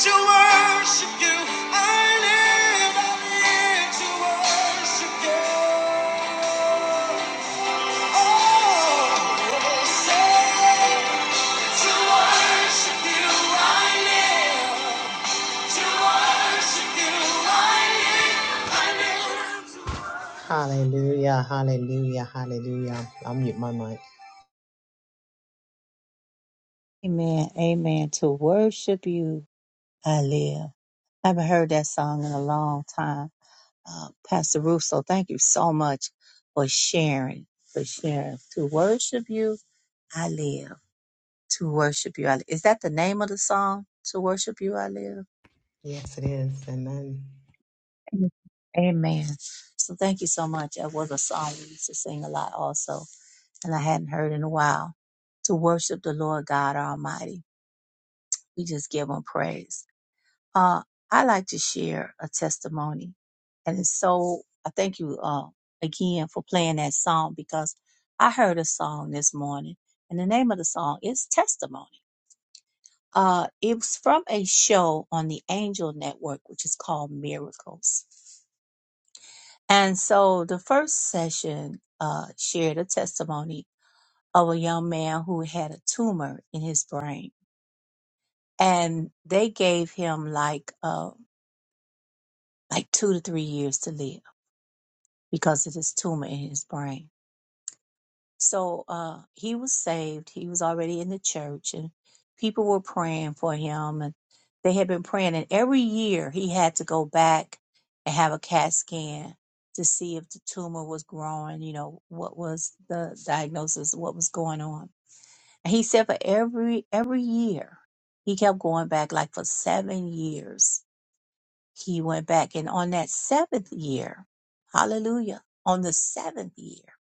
S2: To worship you, I live. I live to worship you. Oh, say, to worship you, I live. To worship you, I live. I live. Hallelujah, hallelujah, hallelujah. I'll mute my mic.
S1: Amen, amen. To worship you, I live. I haven't heard that song in a long time. Uh, Pastor Russo, thank you so much for sharing, for sharing. To worship you, I live. To worship you, I live. Is that the name of the song? To worship you, I live.
S2: Yes, it is. Amen.
S1: Amen. So thank you so much. That was a song we used to sing a lot also and I hadn't heard in a while, to worship the Lord God Almighty. We just give him praise. Uh, I like to share a testimony. And it's so, I thank you uh, again for playing that song because I heard a song this morning. And the name of the song is Testimony. Uh, it was from a show on the Angel Network, which is called Miracles. And so the first session uh, shared a testimony of a young man who had a tumor in his brain, and they gave him like uh, like two to three years to live because of this tumor in his brain. So uh, he was saved. He was already in the church, and people were praying for him, and they had been praying. And every year he had to go back and have a CAT scan to see if the tumor was growing. You know what was the diagnosis, what was going on And He said for every every year, he kept going back. Like for seven years, he went back, and on that seventh year, Hallelujah! On the seventh year,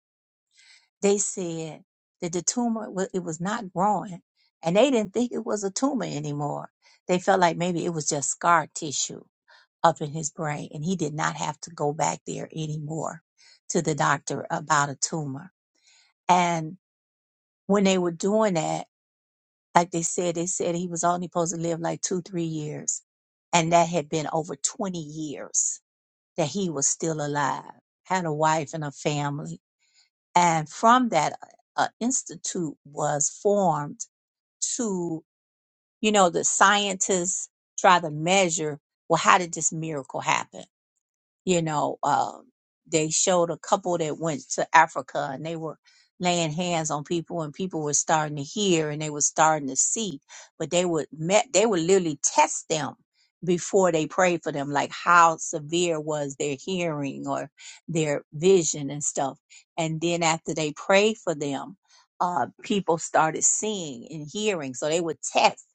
S1: they said that the tumor wa- it was not growing, and they didn't think it was a tumor anymore. They felt like maybe it was just scar tissue up in his brain, and he did not have to go back there anymore to the doctor about a tumor. And when they were doing that. Like they said, they said he was only supposed to live like two, three years. And that had been over 20 years that he was still alive, had a wife and a family. And from that, an institute was formed to, you know, the scientists try to measure, well, how did this miracle happen? you know, um, they showed a couple that went to Africa and they were laying hands on people and people were starting to hear and they were starting to see, but they would met, they would literally test them before they prayed for them, like how severe was their hearing or their vision and stuff. And then after they prayed for them, uh, people started seeing and hearing. So they would test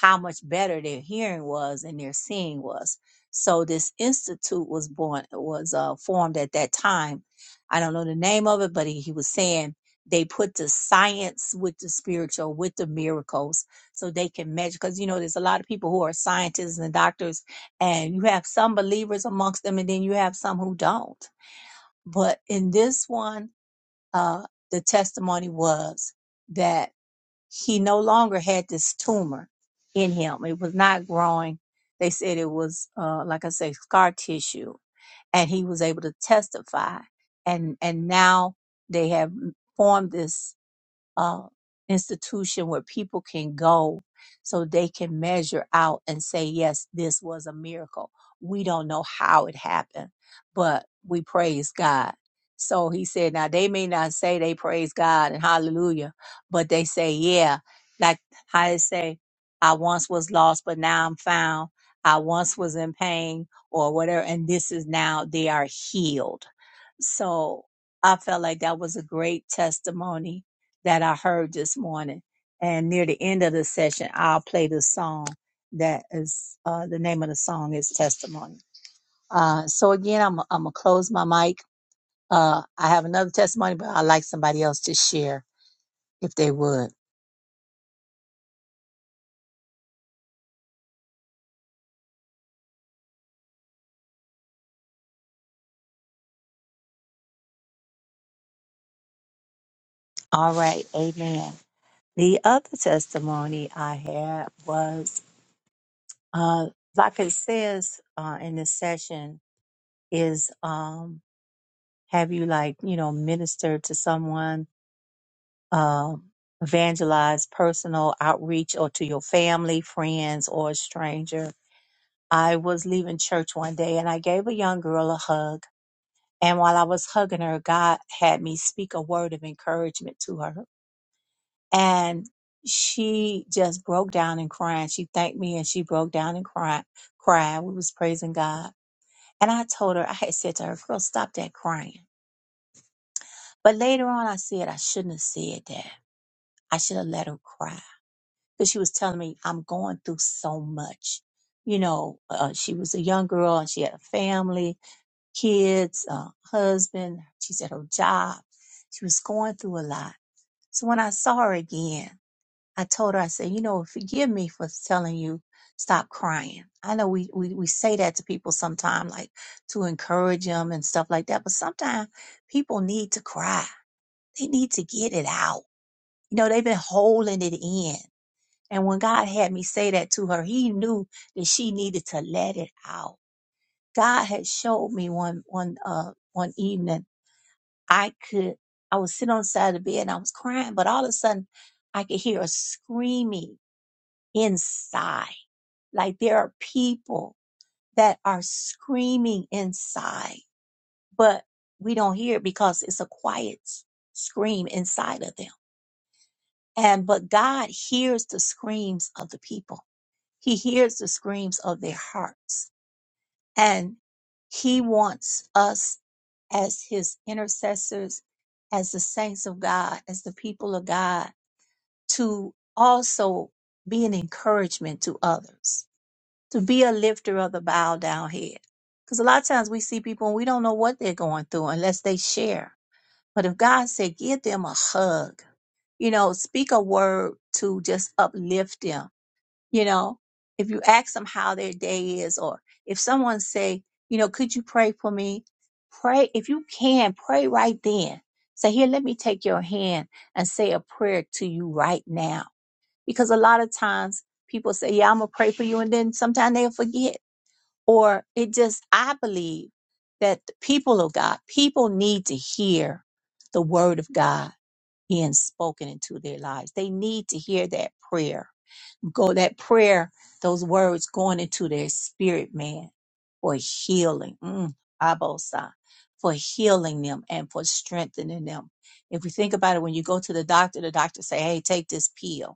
S1: how much better their hearing was and their seeing was so this institute was born, was uh, formed at that time. I don't know the name of it, but he, he was saying they put the science with the spiritual, with the miracles, so they can measure. Because you know, there's a lot of people who are scientists and doctors, and you have some believers amongst them, and then you have some who don't. But in this one, uh, the testimony was that he no longer had this tumor in him. It was not growing. They said it was, uh, like I say, scar tissue, and he was able to testify. And and now they have formed this uh, institution where people can go so they can measure out and say, yes, this was a miracle. We don't know how it happened, but we praise God. So he said, now they may not say they praise God and hallelujah, but they say, yeah, like how they say, I once was lost, but now I'm found. I once was in pain or whatever, and this is now they are healed. So I felt like that was a great testimony that I heard this morning. And near the end of the session, I'll play the song that is uh, the name of the song is Testimony. Uh, so again, I'm I'm gonna close my mic. Uh, I have another testimony, but I'd like somebody else to share if they would. All right, amen. The other testimony I had was Uh, like it says uh, in this session, is um, have you like you know ministered to someone, um, evangelize, personal outreach, or to your family, friends, or a stranger. I was leaving church one day and I gave a young girl a hug. And while I was hugging her, God had me speak a word of encouragement to her. And she just broke down and crying. She thanked me and she broke down and cried. Crying. We was praising God And I told her, I had said to her, girl, stop that crying. But later on, I said I shouldn't have said that. I should have let her cry because she was telling me I'm going through so much. You know, uh, she was a young girl and she had a family, kids, uh, husband. She said her job. She was going through a lot. So when I saw her again, I told her, I said, you know, forgive me for telling you stop crying. I know we, we, we say that to people sometimes, like to encourage them and stuff like that. But sometimes people need to cry. They need to get it out. You know, they've been holding it in. And when God had me say that to her, he knew that she needed to let it out. God had showed me one, one, uh, one evening I could, I was sitting on the side of the bed and I was crying, but all of a sudden I could hear a screaming inside. Like there are people that are screaming inside, but we don't hear it because it's a quiet scream inside of them. And but God hears the screams of the people. He hears the screams of their hearts. And he wants us as his intercessors, as the saints of God, as the people of God to also be an encouragement to others to be a lifter of the bowed down head. Because a lot of times we see people and we don't know what they're going through unless they share. But if God said, give them a hug, you know, speak a word to just uplift them, you know, if you ask them how their day is, or if someone say, you know, could you pray for me? Pray, if you can, pray right then. Say, here, let me take your hand and say a prayer to you right now. Because a lot of times people say, yeah, I'm going to pray for you. And then sometimes they'll forget or it just i believe that the people of god people need to hear the word of god being spoken into their lives they need to hear that prayer go that prayer those words going into their spirit man for healing mm, abosa for healing them and for strengthening them if we think about it when you go to the doctor the doctor say hey take this pill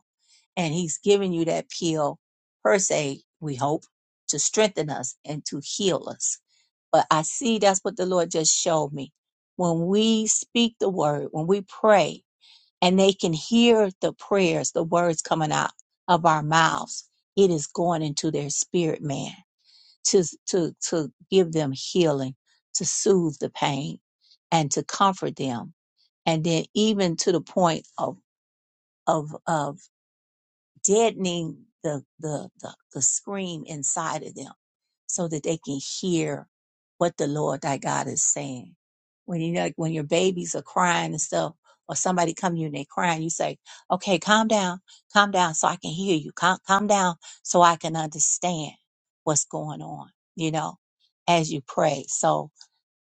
S1: and he's giving you that pill per se we hope to strengthen us and to heal us but i see that's what the lord just showed me when we speak the word when we pray and they can hear the prayers the words coming out of our mouths it is going into their spirit man to to to give them healing to soothe the pain and to comfort them and then even to the point of of of deadening the, the, the, the scream inside of them so that they can hear what the Lord thy God is saying. When you know, like, when your babies are crying and stuff, or somebody come to you and they crying, you say, okay, calm down, calm down so I can hear you. Calm, calm down so I can understand what's going on, you know, as you pray. So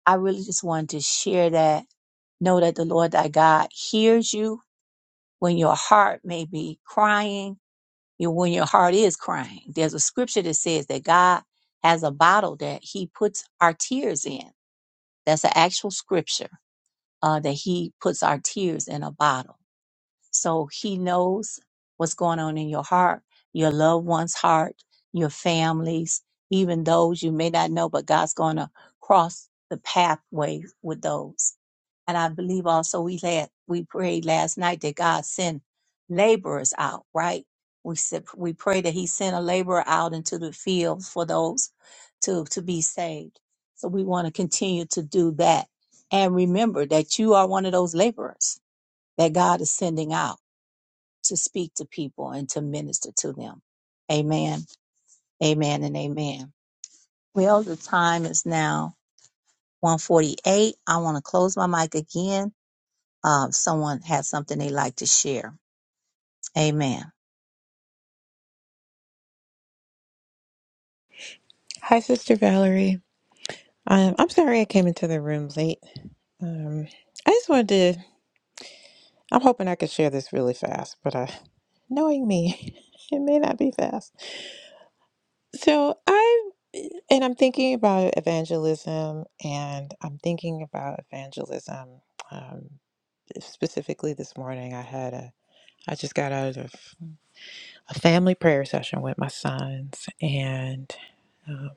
S1: I really just wanted to share that. Know that the Lord thy God hears you when your heart may be crying you when your heart is crying. There's a scripture that says that God has a bottle that He puts our tears in. That's an actual scripture uh, that He puts our tears in a bottle. So He knows what's going on in your heart, your loved one's heart, your families, even those you may not know, but God's going to cross the pathway with those. And I believe also we had we prayed last night that God send laborers out, right? We said we pray that He send a laborer out into the fields for those to to be saved. So we want to continue to do that. And remember that you are one of those laborers that God is sending out to speak to people and to minister to them. Amen. Amen and amen. Well, the time is now 148. I want to close my mic again uh, someone has something they like to share. Amen.
S10: Hi, Sister Valerie. Um, I'm sorry I came into the room late. Um, I just wanted to, I'm hoping I could share this really fast, but uh, knowing me, it may not be fast. So I, and I'm thinking about evangelism, and I'm thinking about evangelism. Um, specifically this morning, I had a, I just got out of a family prayer session with my sons, and um,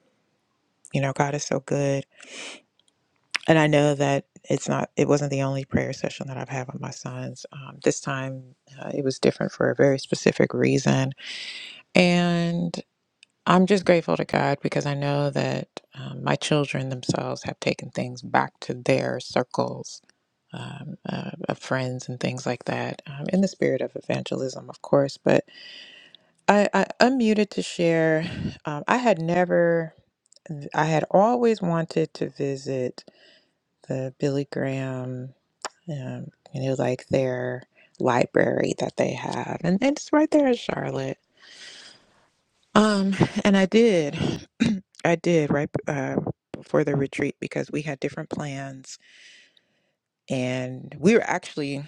S10: you know, God is so good And I know that it's not, it wasn't the only prayer session that I've had with my sons. Um, this time uh, it was different for a very specific reason. And I'm just grateful to God because I know that um, my children themselves have taken things back to their circles um, uh, of friends and things like that um, in the spirit of evangelism, of course. But I, I unmuted to share. Um, I had never, I had always wanted to visit the Billy Graham. um, you know, like their library that they have, and, and it's right there in Charlotte. Um, and I did, I did right uh, before the retreat because we had different plans, and we were actually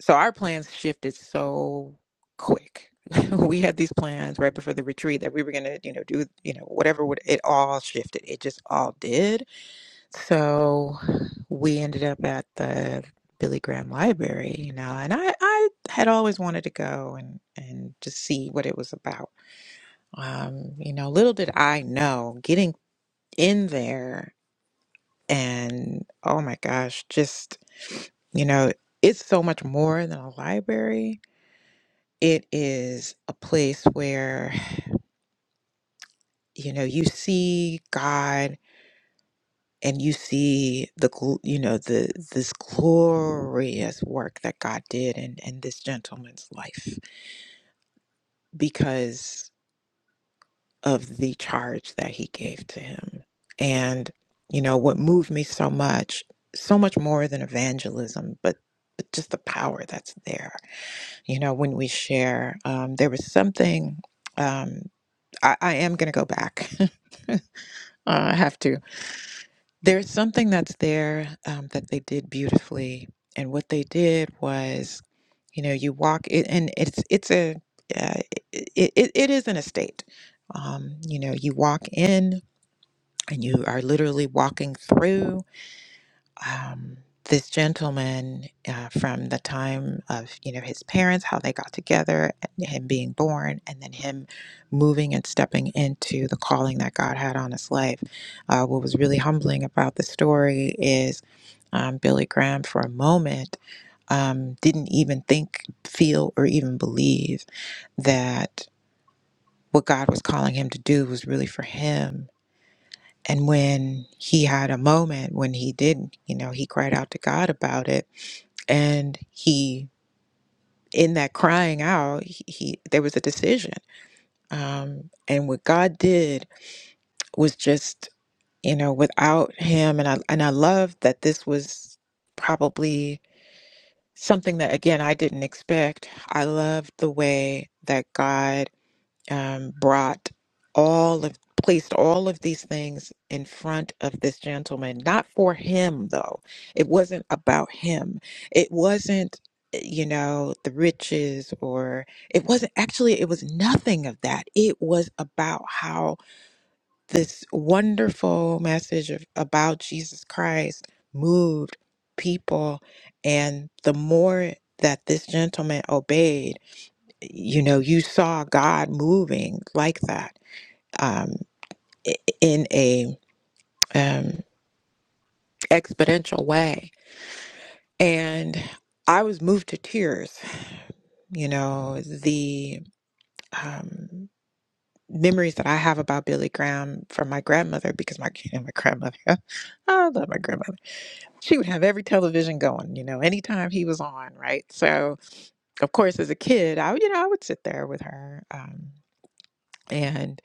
S10: so our plans shifted so quick. we had these plans right before the retreat that we were gonna, you know, do, you know, whatever would it all shifted. It just all did So we ended up at the Billy Graham Library, you know, and I, I had always wanted to go and, and just see what it was about. Um, you know, little did I know getting in there and oh my gosh, just, you know, it's so much more than a library. It is a place where, you know, you see God and you see the gl- you know the this glorious work that God did in in this gentleman's life because of the charge that he gave to him and you know what moved me so much so much more than evangelism but but just the power that's there you know when we share um there was something um I, I am going to go back. Uh, I have to. There's something that's there um, that they did beautifully, and what they did was, you know, you walk it, and it's it's a uh, it, it it is an estate. Um, you know, you walk in, and you are literally walking through um, this gentleman uh, from the time of you know his parents, how they got together, and him being born, and then him moving and stepping into the calling that God had on his life. Uh, what was really humbling about the story is um, Billy Graham, for a moment, um, didn't even think, feel, or even believe that what God was calling him to do was really for him. And when he had a moment when he did, you know, he cried out to God about it and he in that crying out he, he there was a decision um and what god did was just you know without him and i and i love that this was probably something that again i didn't expect i loved the way that god um, brought all of placed all of these things in front of this gentleman not for him though it wasn't about him it wasn't you know the riches or it wasn't actually it was nothing of that it was about how this wonderful message of, about jesus christ moved people and the more that this gentleman obeyed you know, you saw God moving like that um, i- in a um, exponential way, and I was moved to tears. You know, the um, memories that I have about Billy Graham from my grandmother, because my my grandmother, I love my grandmother. She would have every television going. You know, anytime he was on, right? So, of course, as a kid, I would- you know I would sit there with her. Um, and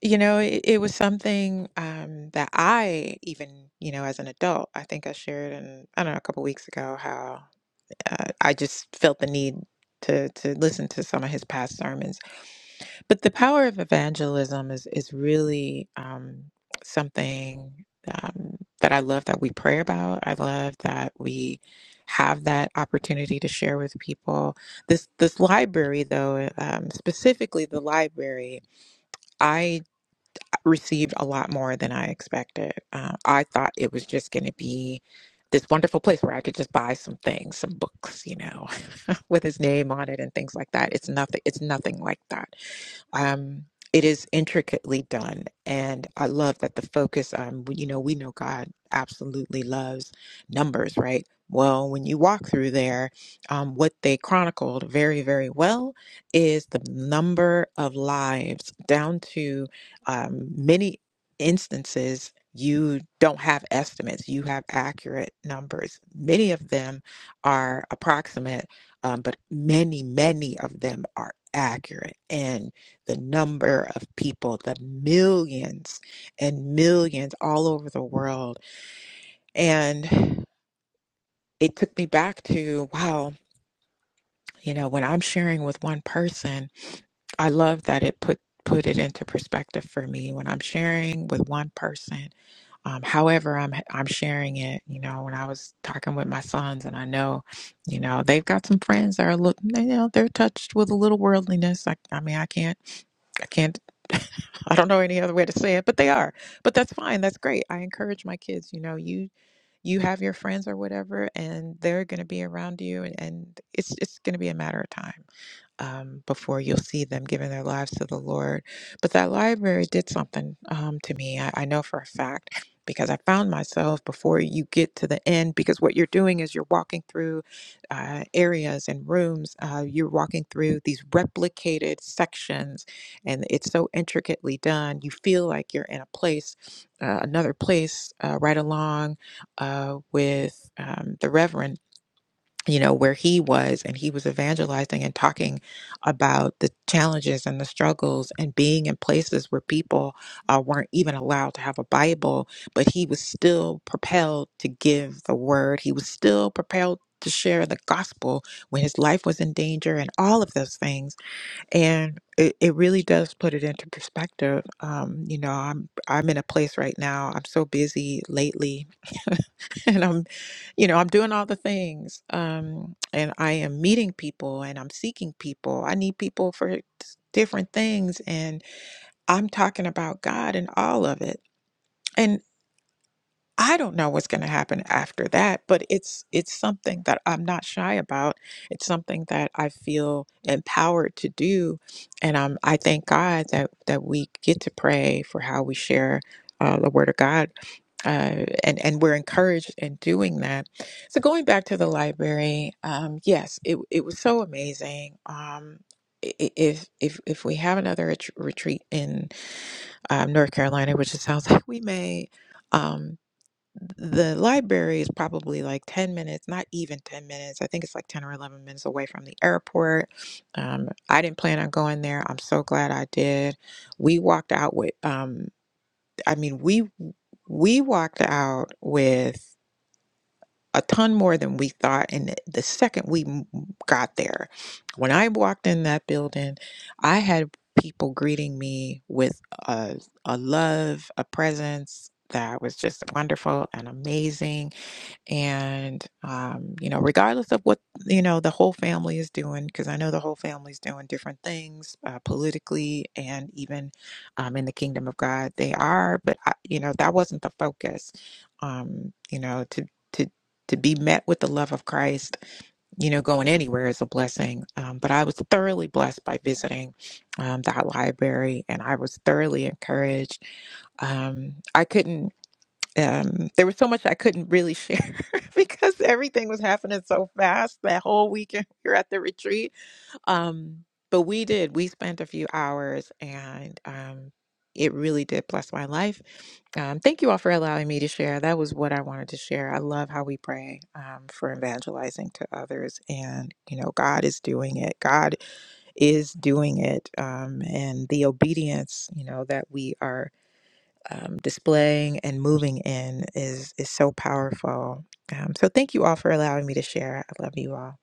S10: You know, it, it was something um, that I even, you know, as an adult, I think I shared in, I don't know, a couple weeks ago how uh, I just felt the need to to listen to some of his past sermons. But the power of evangelism is is really um, something um, that I love that we pray about. I love that we have that opportunity to share with people. This this library, though, um, specifically the library received a lot more than I expected. Uh, I thought it was just going to be this wonderful place where I could just buy some things, some books, you know, with his name on it and things like that. It's nothing. It's nothing like that. Um, it is intricately done, and I love that the focus. Um, you know, we know God absolutely loves numbers, right? Well, when you walk through there, um, what they chronicled very, very well is the number of lives down to um, many instances. You don't have estimates, you have accurate numbers. Many of them are approximate um, but many, many of them are accurate. And the number of people, the millions and millions all over the world. And it took me back to, wow, you know, when I'm sharing with one person, I love that it put put it into perspective for me when I'm sharing with one person. Um, however, I'm I'm sharing it. You know, when I was talking with my sons, and I know, you know, they've got some friends that are look, you know, they're touched with a little worldliness. I, I mean, I can't I can't, I don't know any other way to say it, but they are. But that's fine. That's great. I encourage my kids, you know, you you have your friends or whatever, and they're going to be around you, and, and it's it's going to be a matter of time um, before you'll see them giving their lives to the Lord. But that library did something um, to me. I, I know for a fact because I found myself before you get to the end, because what you're doing is you're walking through uh, areas and rooms, uh, you're walking through these replicated sections, and it's so intricately done. You feel like you're in a place, uh, another place, uh, right along uh, with um, the Reverend you know, where he was, and he was evangelizing and talking about the challenges and the struggles and being in places where people uh, weren't even allowed to have a Bible, but he was still propelled to give the word. He was still propelled to share the gospel when his life was in danger and all of those things and it, it really does put it into perspective um you know i'm i'm in a place right now i'm so busy lately and i'm you know i'm doing all the things um and i am meeting people and i'm seeking people i need people for s- different things and i'm talking about god and all of it I don't know what's going to happen after that, but it's it's something that I'm not shy about. It's something that I feel empowered to do, and um, I thank God that that we get to pray for how we share uh, the Word of God, uh, and and we're encouraged in doing that. So going back to the library, um, yes, it it was so amazing. Um, i- i- if if if we have another ret- retreat in um, North Carolina, which it sounds like we may. Um, the library is probably like 10 minutes, not even 10 minutes. I think it's like 10 or 11 minutes away from the airport. Um, I didn't plan on going there. I'm so glad I did. We walked out with, um, I mean, we we walked out with a ton more than we thought. And the the second we m- got there, when I walked in that building, I had people greeting me with a, a love, a presence that was just wonderful and amazing and um, you know regardless of what you know the whole family is doing because i know the whole family's doing different things uh, politically and even um, in the kingdom of god they are but I, you know that wasn't the focus um, you know to to to be met with the love of christ you know going anywhere is a blessing um, but i was thoroughly blessed by visiting um, that library and i was thoroughly encouraged um, i couldn't um, there was so much I couldn't really share because everything was happening so fast that whole weekend we were at the retreat. Um, but we did, we spent a few hours and um, it really did bless my life. Um, thank you all for allowing me to share. That was what I wanted to share. I love how we pray um, for evangelizing to others. And, you know, God is doing it. God is doing it. Um, and the obedience, you know, that we are um, displaying and moving in is is so powerful. Um, so thank you all for allowing me to share. I love you all.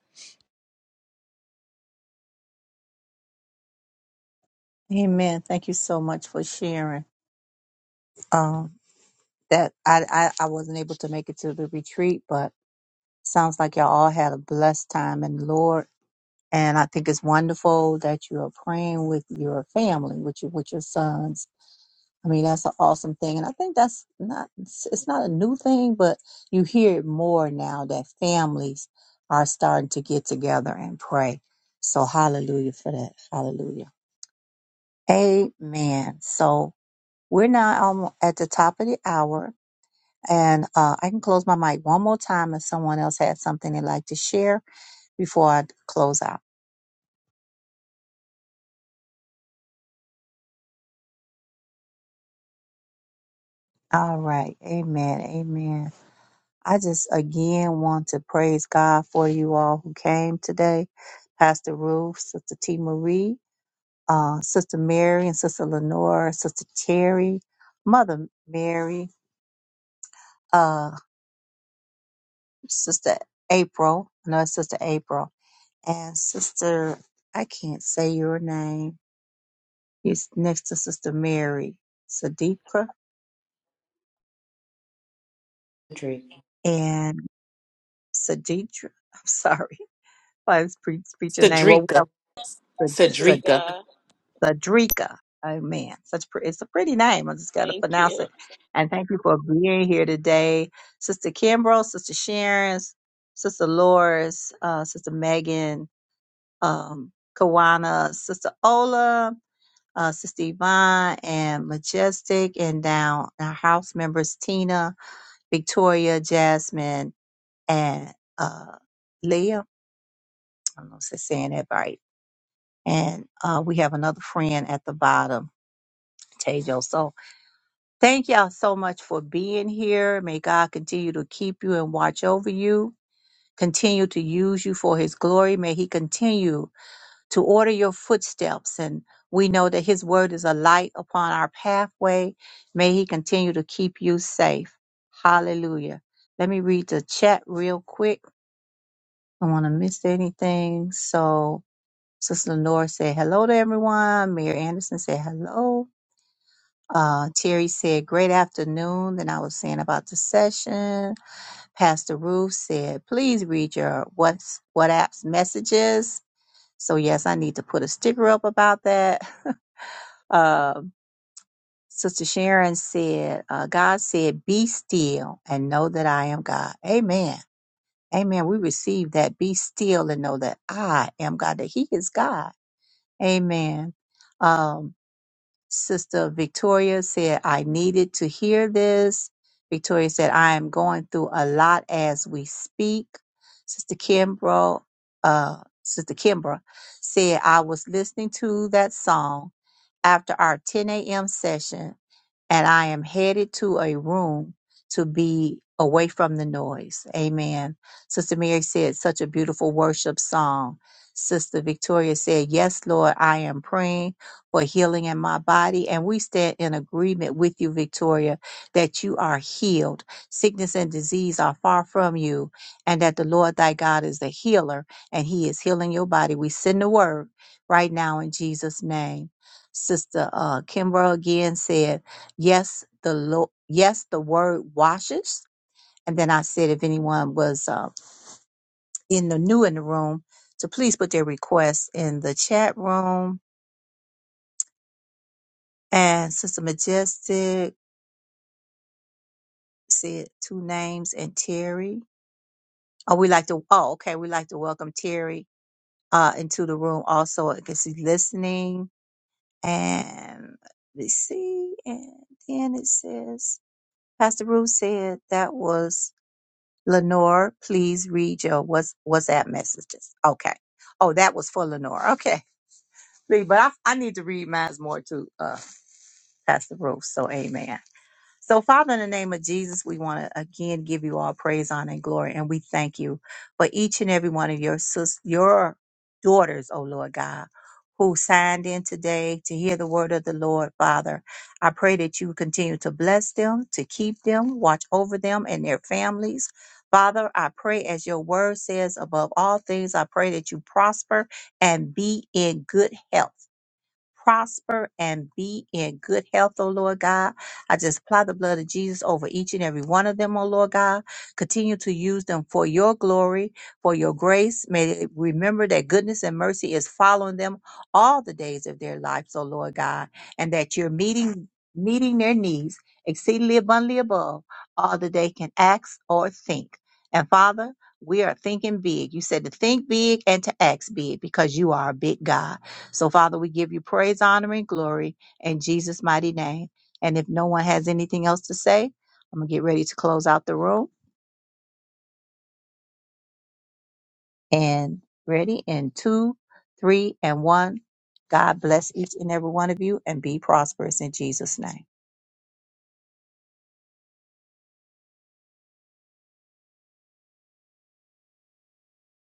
S1: Amen. Thank you so much for sharing. Um, that I, I I wasn't able to make it to the retreat, but sounds like y'all all had a blessed time in the Lord. And I think it's wonderful that you are praying with your family, with your with your sons. I mean, that's an awesome thing, and I think that's not it's it's not a new thing, but you hear it more now that families are starting to get together and pray. So hallelujah for that. Hallelujah. Amen. So we're now almo- at the top of the hour, and uh, I can close my mic one more time if someone else has something they'd like to share before I close out. All right. Amen. Amen. I just again want to praise God for you all who came today. Pastor Ruth, Sister T. Marie, uh, Sister Mary and Sister Lenore, Sister Terry, Mother Mary, uh, Sister April, I know it's Sister April And Sister, I can't say your name. He's next to Sister Mary, Saditra and Saditra. I'm sorry, I was pre- speech your name. Well, we
S5: Cedrica
S1: have
S5: Cedrica
S6: Sadrika,
S1: Sadrika. Oh man, such pre- it's a pretty name. I just got to
S6: thank you.
S1: pronounce it. And thank you for being here today, Sister Kimbrough, Sister Sharon, Sister Loris, uh, Sister Megan, um, Kawana, Sister Ola. uh, Sister Yvonne and Majestic, and down our house members Tina, Victoria, Jasmine, and uh, Leah. I don't know if I'm saying that right. And uh, we have another friend at the bottom, Tejo. So thank y'all so much for being here. May God continue to keep you and watch over you, continue to use you for his glory. May he continue to order your footsteps. And we know that His word is a light upon our pathway. May He continue to keep you safe. Hallelujah. Let me read the chat real quick. I don't want to miss anything. So, Sister Lenore said hello to everyone. Mayor Anderson said hello. Uh, Terry said, Great afternoon. Then I was saying about the session. Pastor Ruth said, Please read your what's, WhatsApp's messages. So, yes, I need to put a sticker up about that. Um, Sister Sharon said, uh, God said, Be still and know that I am God. Amen. Amen. We receive that. Be still and know that I am God, that He is God. Amen. Um, Sister Victoria said, I needed to hear this. Victoria said, I am going through a lot as we speak. Sister Kimbrough, uh, Sister Kimbra said, I was listening to that song after our 10 a.m. session and I am headed to a room to be away from the noise. Amen. Sister Mary said, such a beautiful worship song. Sister Victoria said, Yes, Lord, I am praying for healing in my body. And we stand in agreement with you, Victoria, that you are healed. Sickness and disease are far from you, and that the Lord thy God is the healer, and he is healing your body. We send the word right now in Jesus' name. Sister uh, Kimbra again said, yes the lo- yes the word washes and then i said if anyone was uh, in the new in the room to please put their requests in the chat room and sister majestic said two names and terry oh we like to oh okay we like to welcome terry uh into the room also i guess he's listening and let's see and then it says pastor ruth said that was Lenore, please read your what's WhatsApp messages. Okay. Oh, that was for Lenore. Okay. Lee, But I, I need to read mine more too, uh, Pastor Ruth. So amen. So, Father, in the name of Jesus, we want to again give you all praise, honor, and glory, and we thank you for each and every one of your sis- your daughters, oh Lord God, who signed in today to hear the word of the Lord, Father. I pray that you continue to bless them, to keep them, watch over them and their families. Father, I pray as your word says, above all things, I pray that you prosper and be in good health prosper and be in good health, oh Lord God. I just apply the blood of Jesus over each and every one of them, oh Lord God. Continue to use them for your glory, for your grace. May they remember that goodness and mercy is following them all the days of their lives, oh Lord God, and that you're meeting meeting their needs exceedingly abundantly above all that they can ask or think. And Father, we are thinking big. You said to think big and to act big because you are a big God. So, Father, we give you praise, honor, and glory in Jesus' mighty name. And if no one has anything else to say, I'm going to get ready to close out the room. And ready in two, three, and one. God bless each and every one of you and be prosperous in Jesus' name.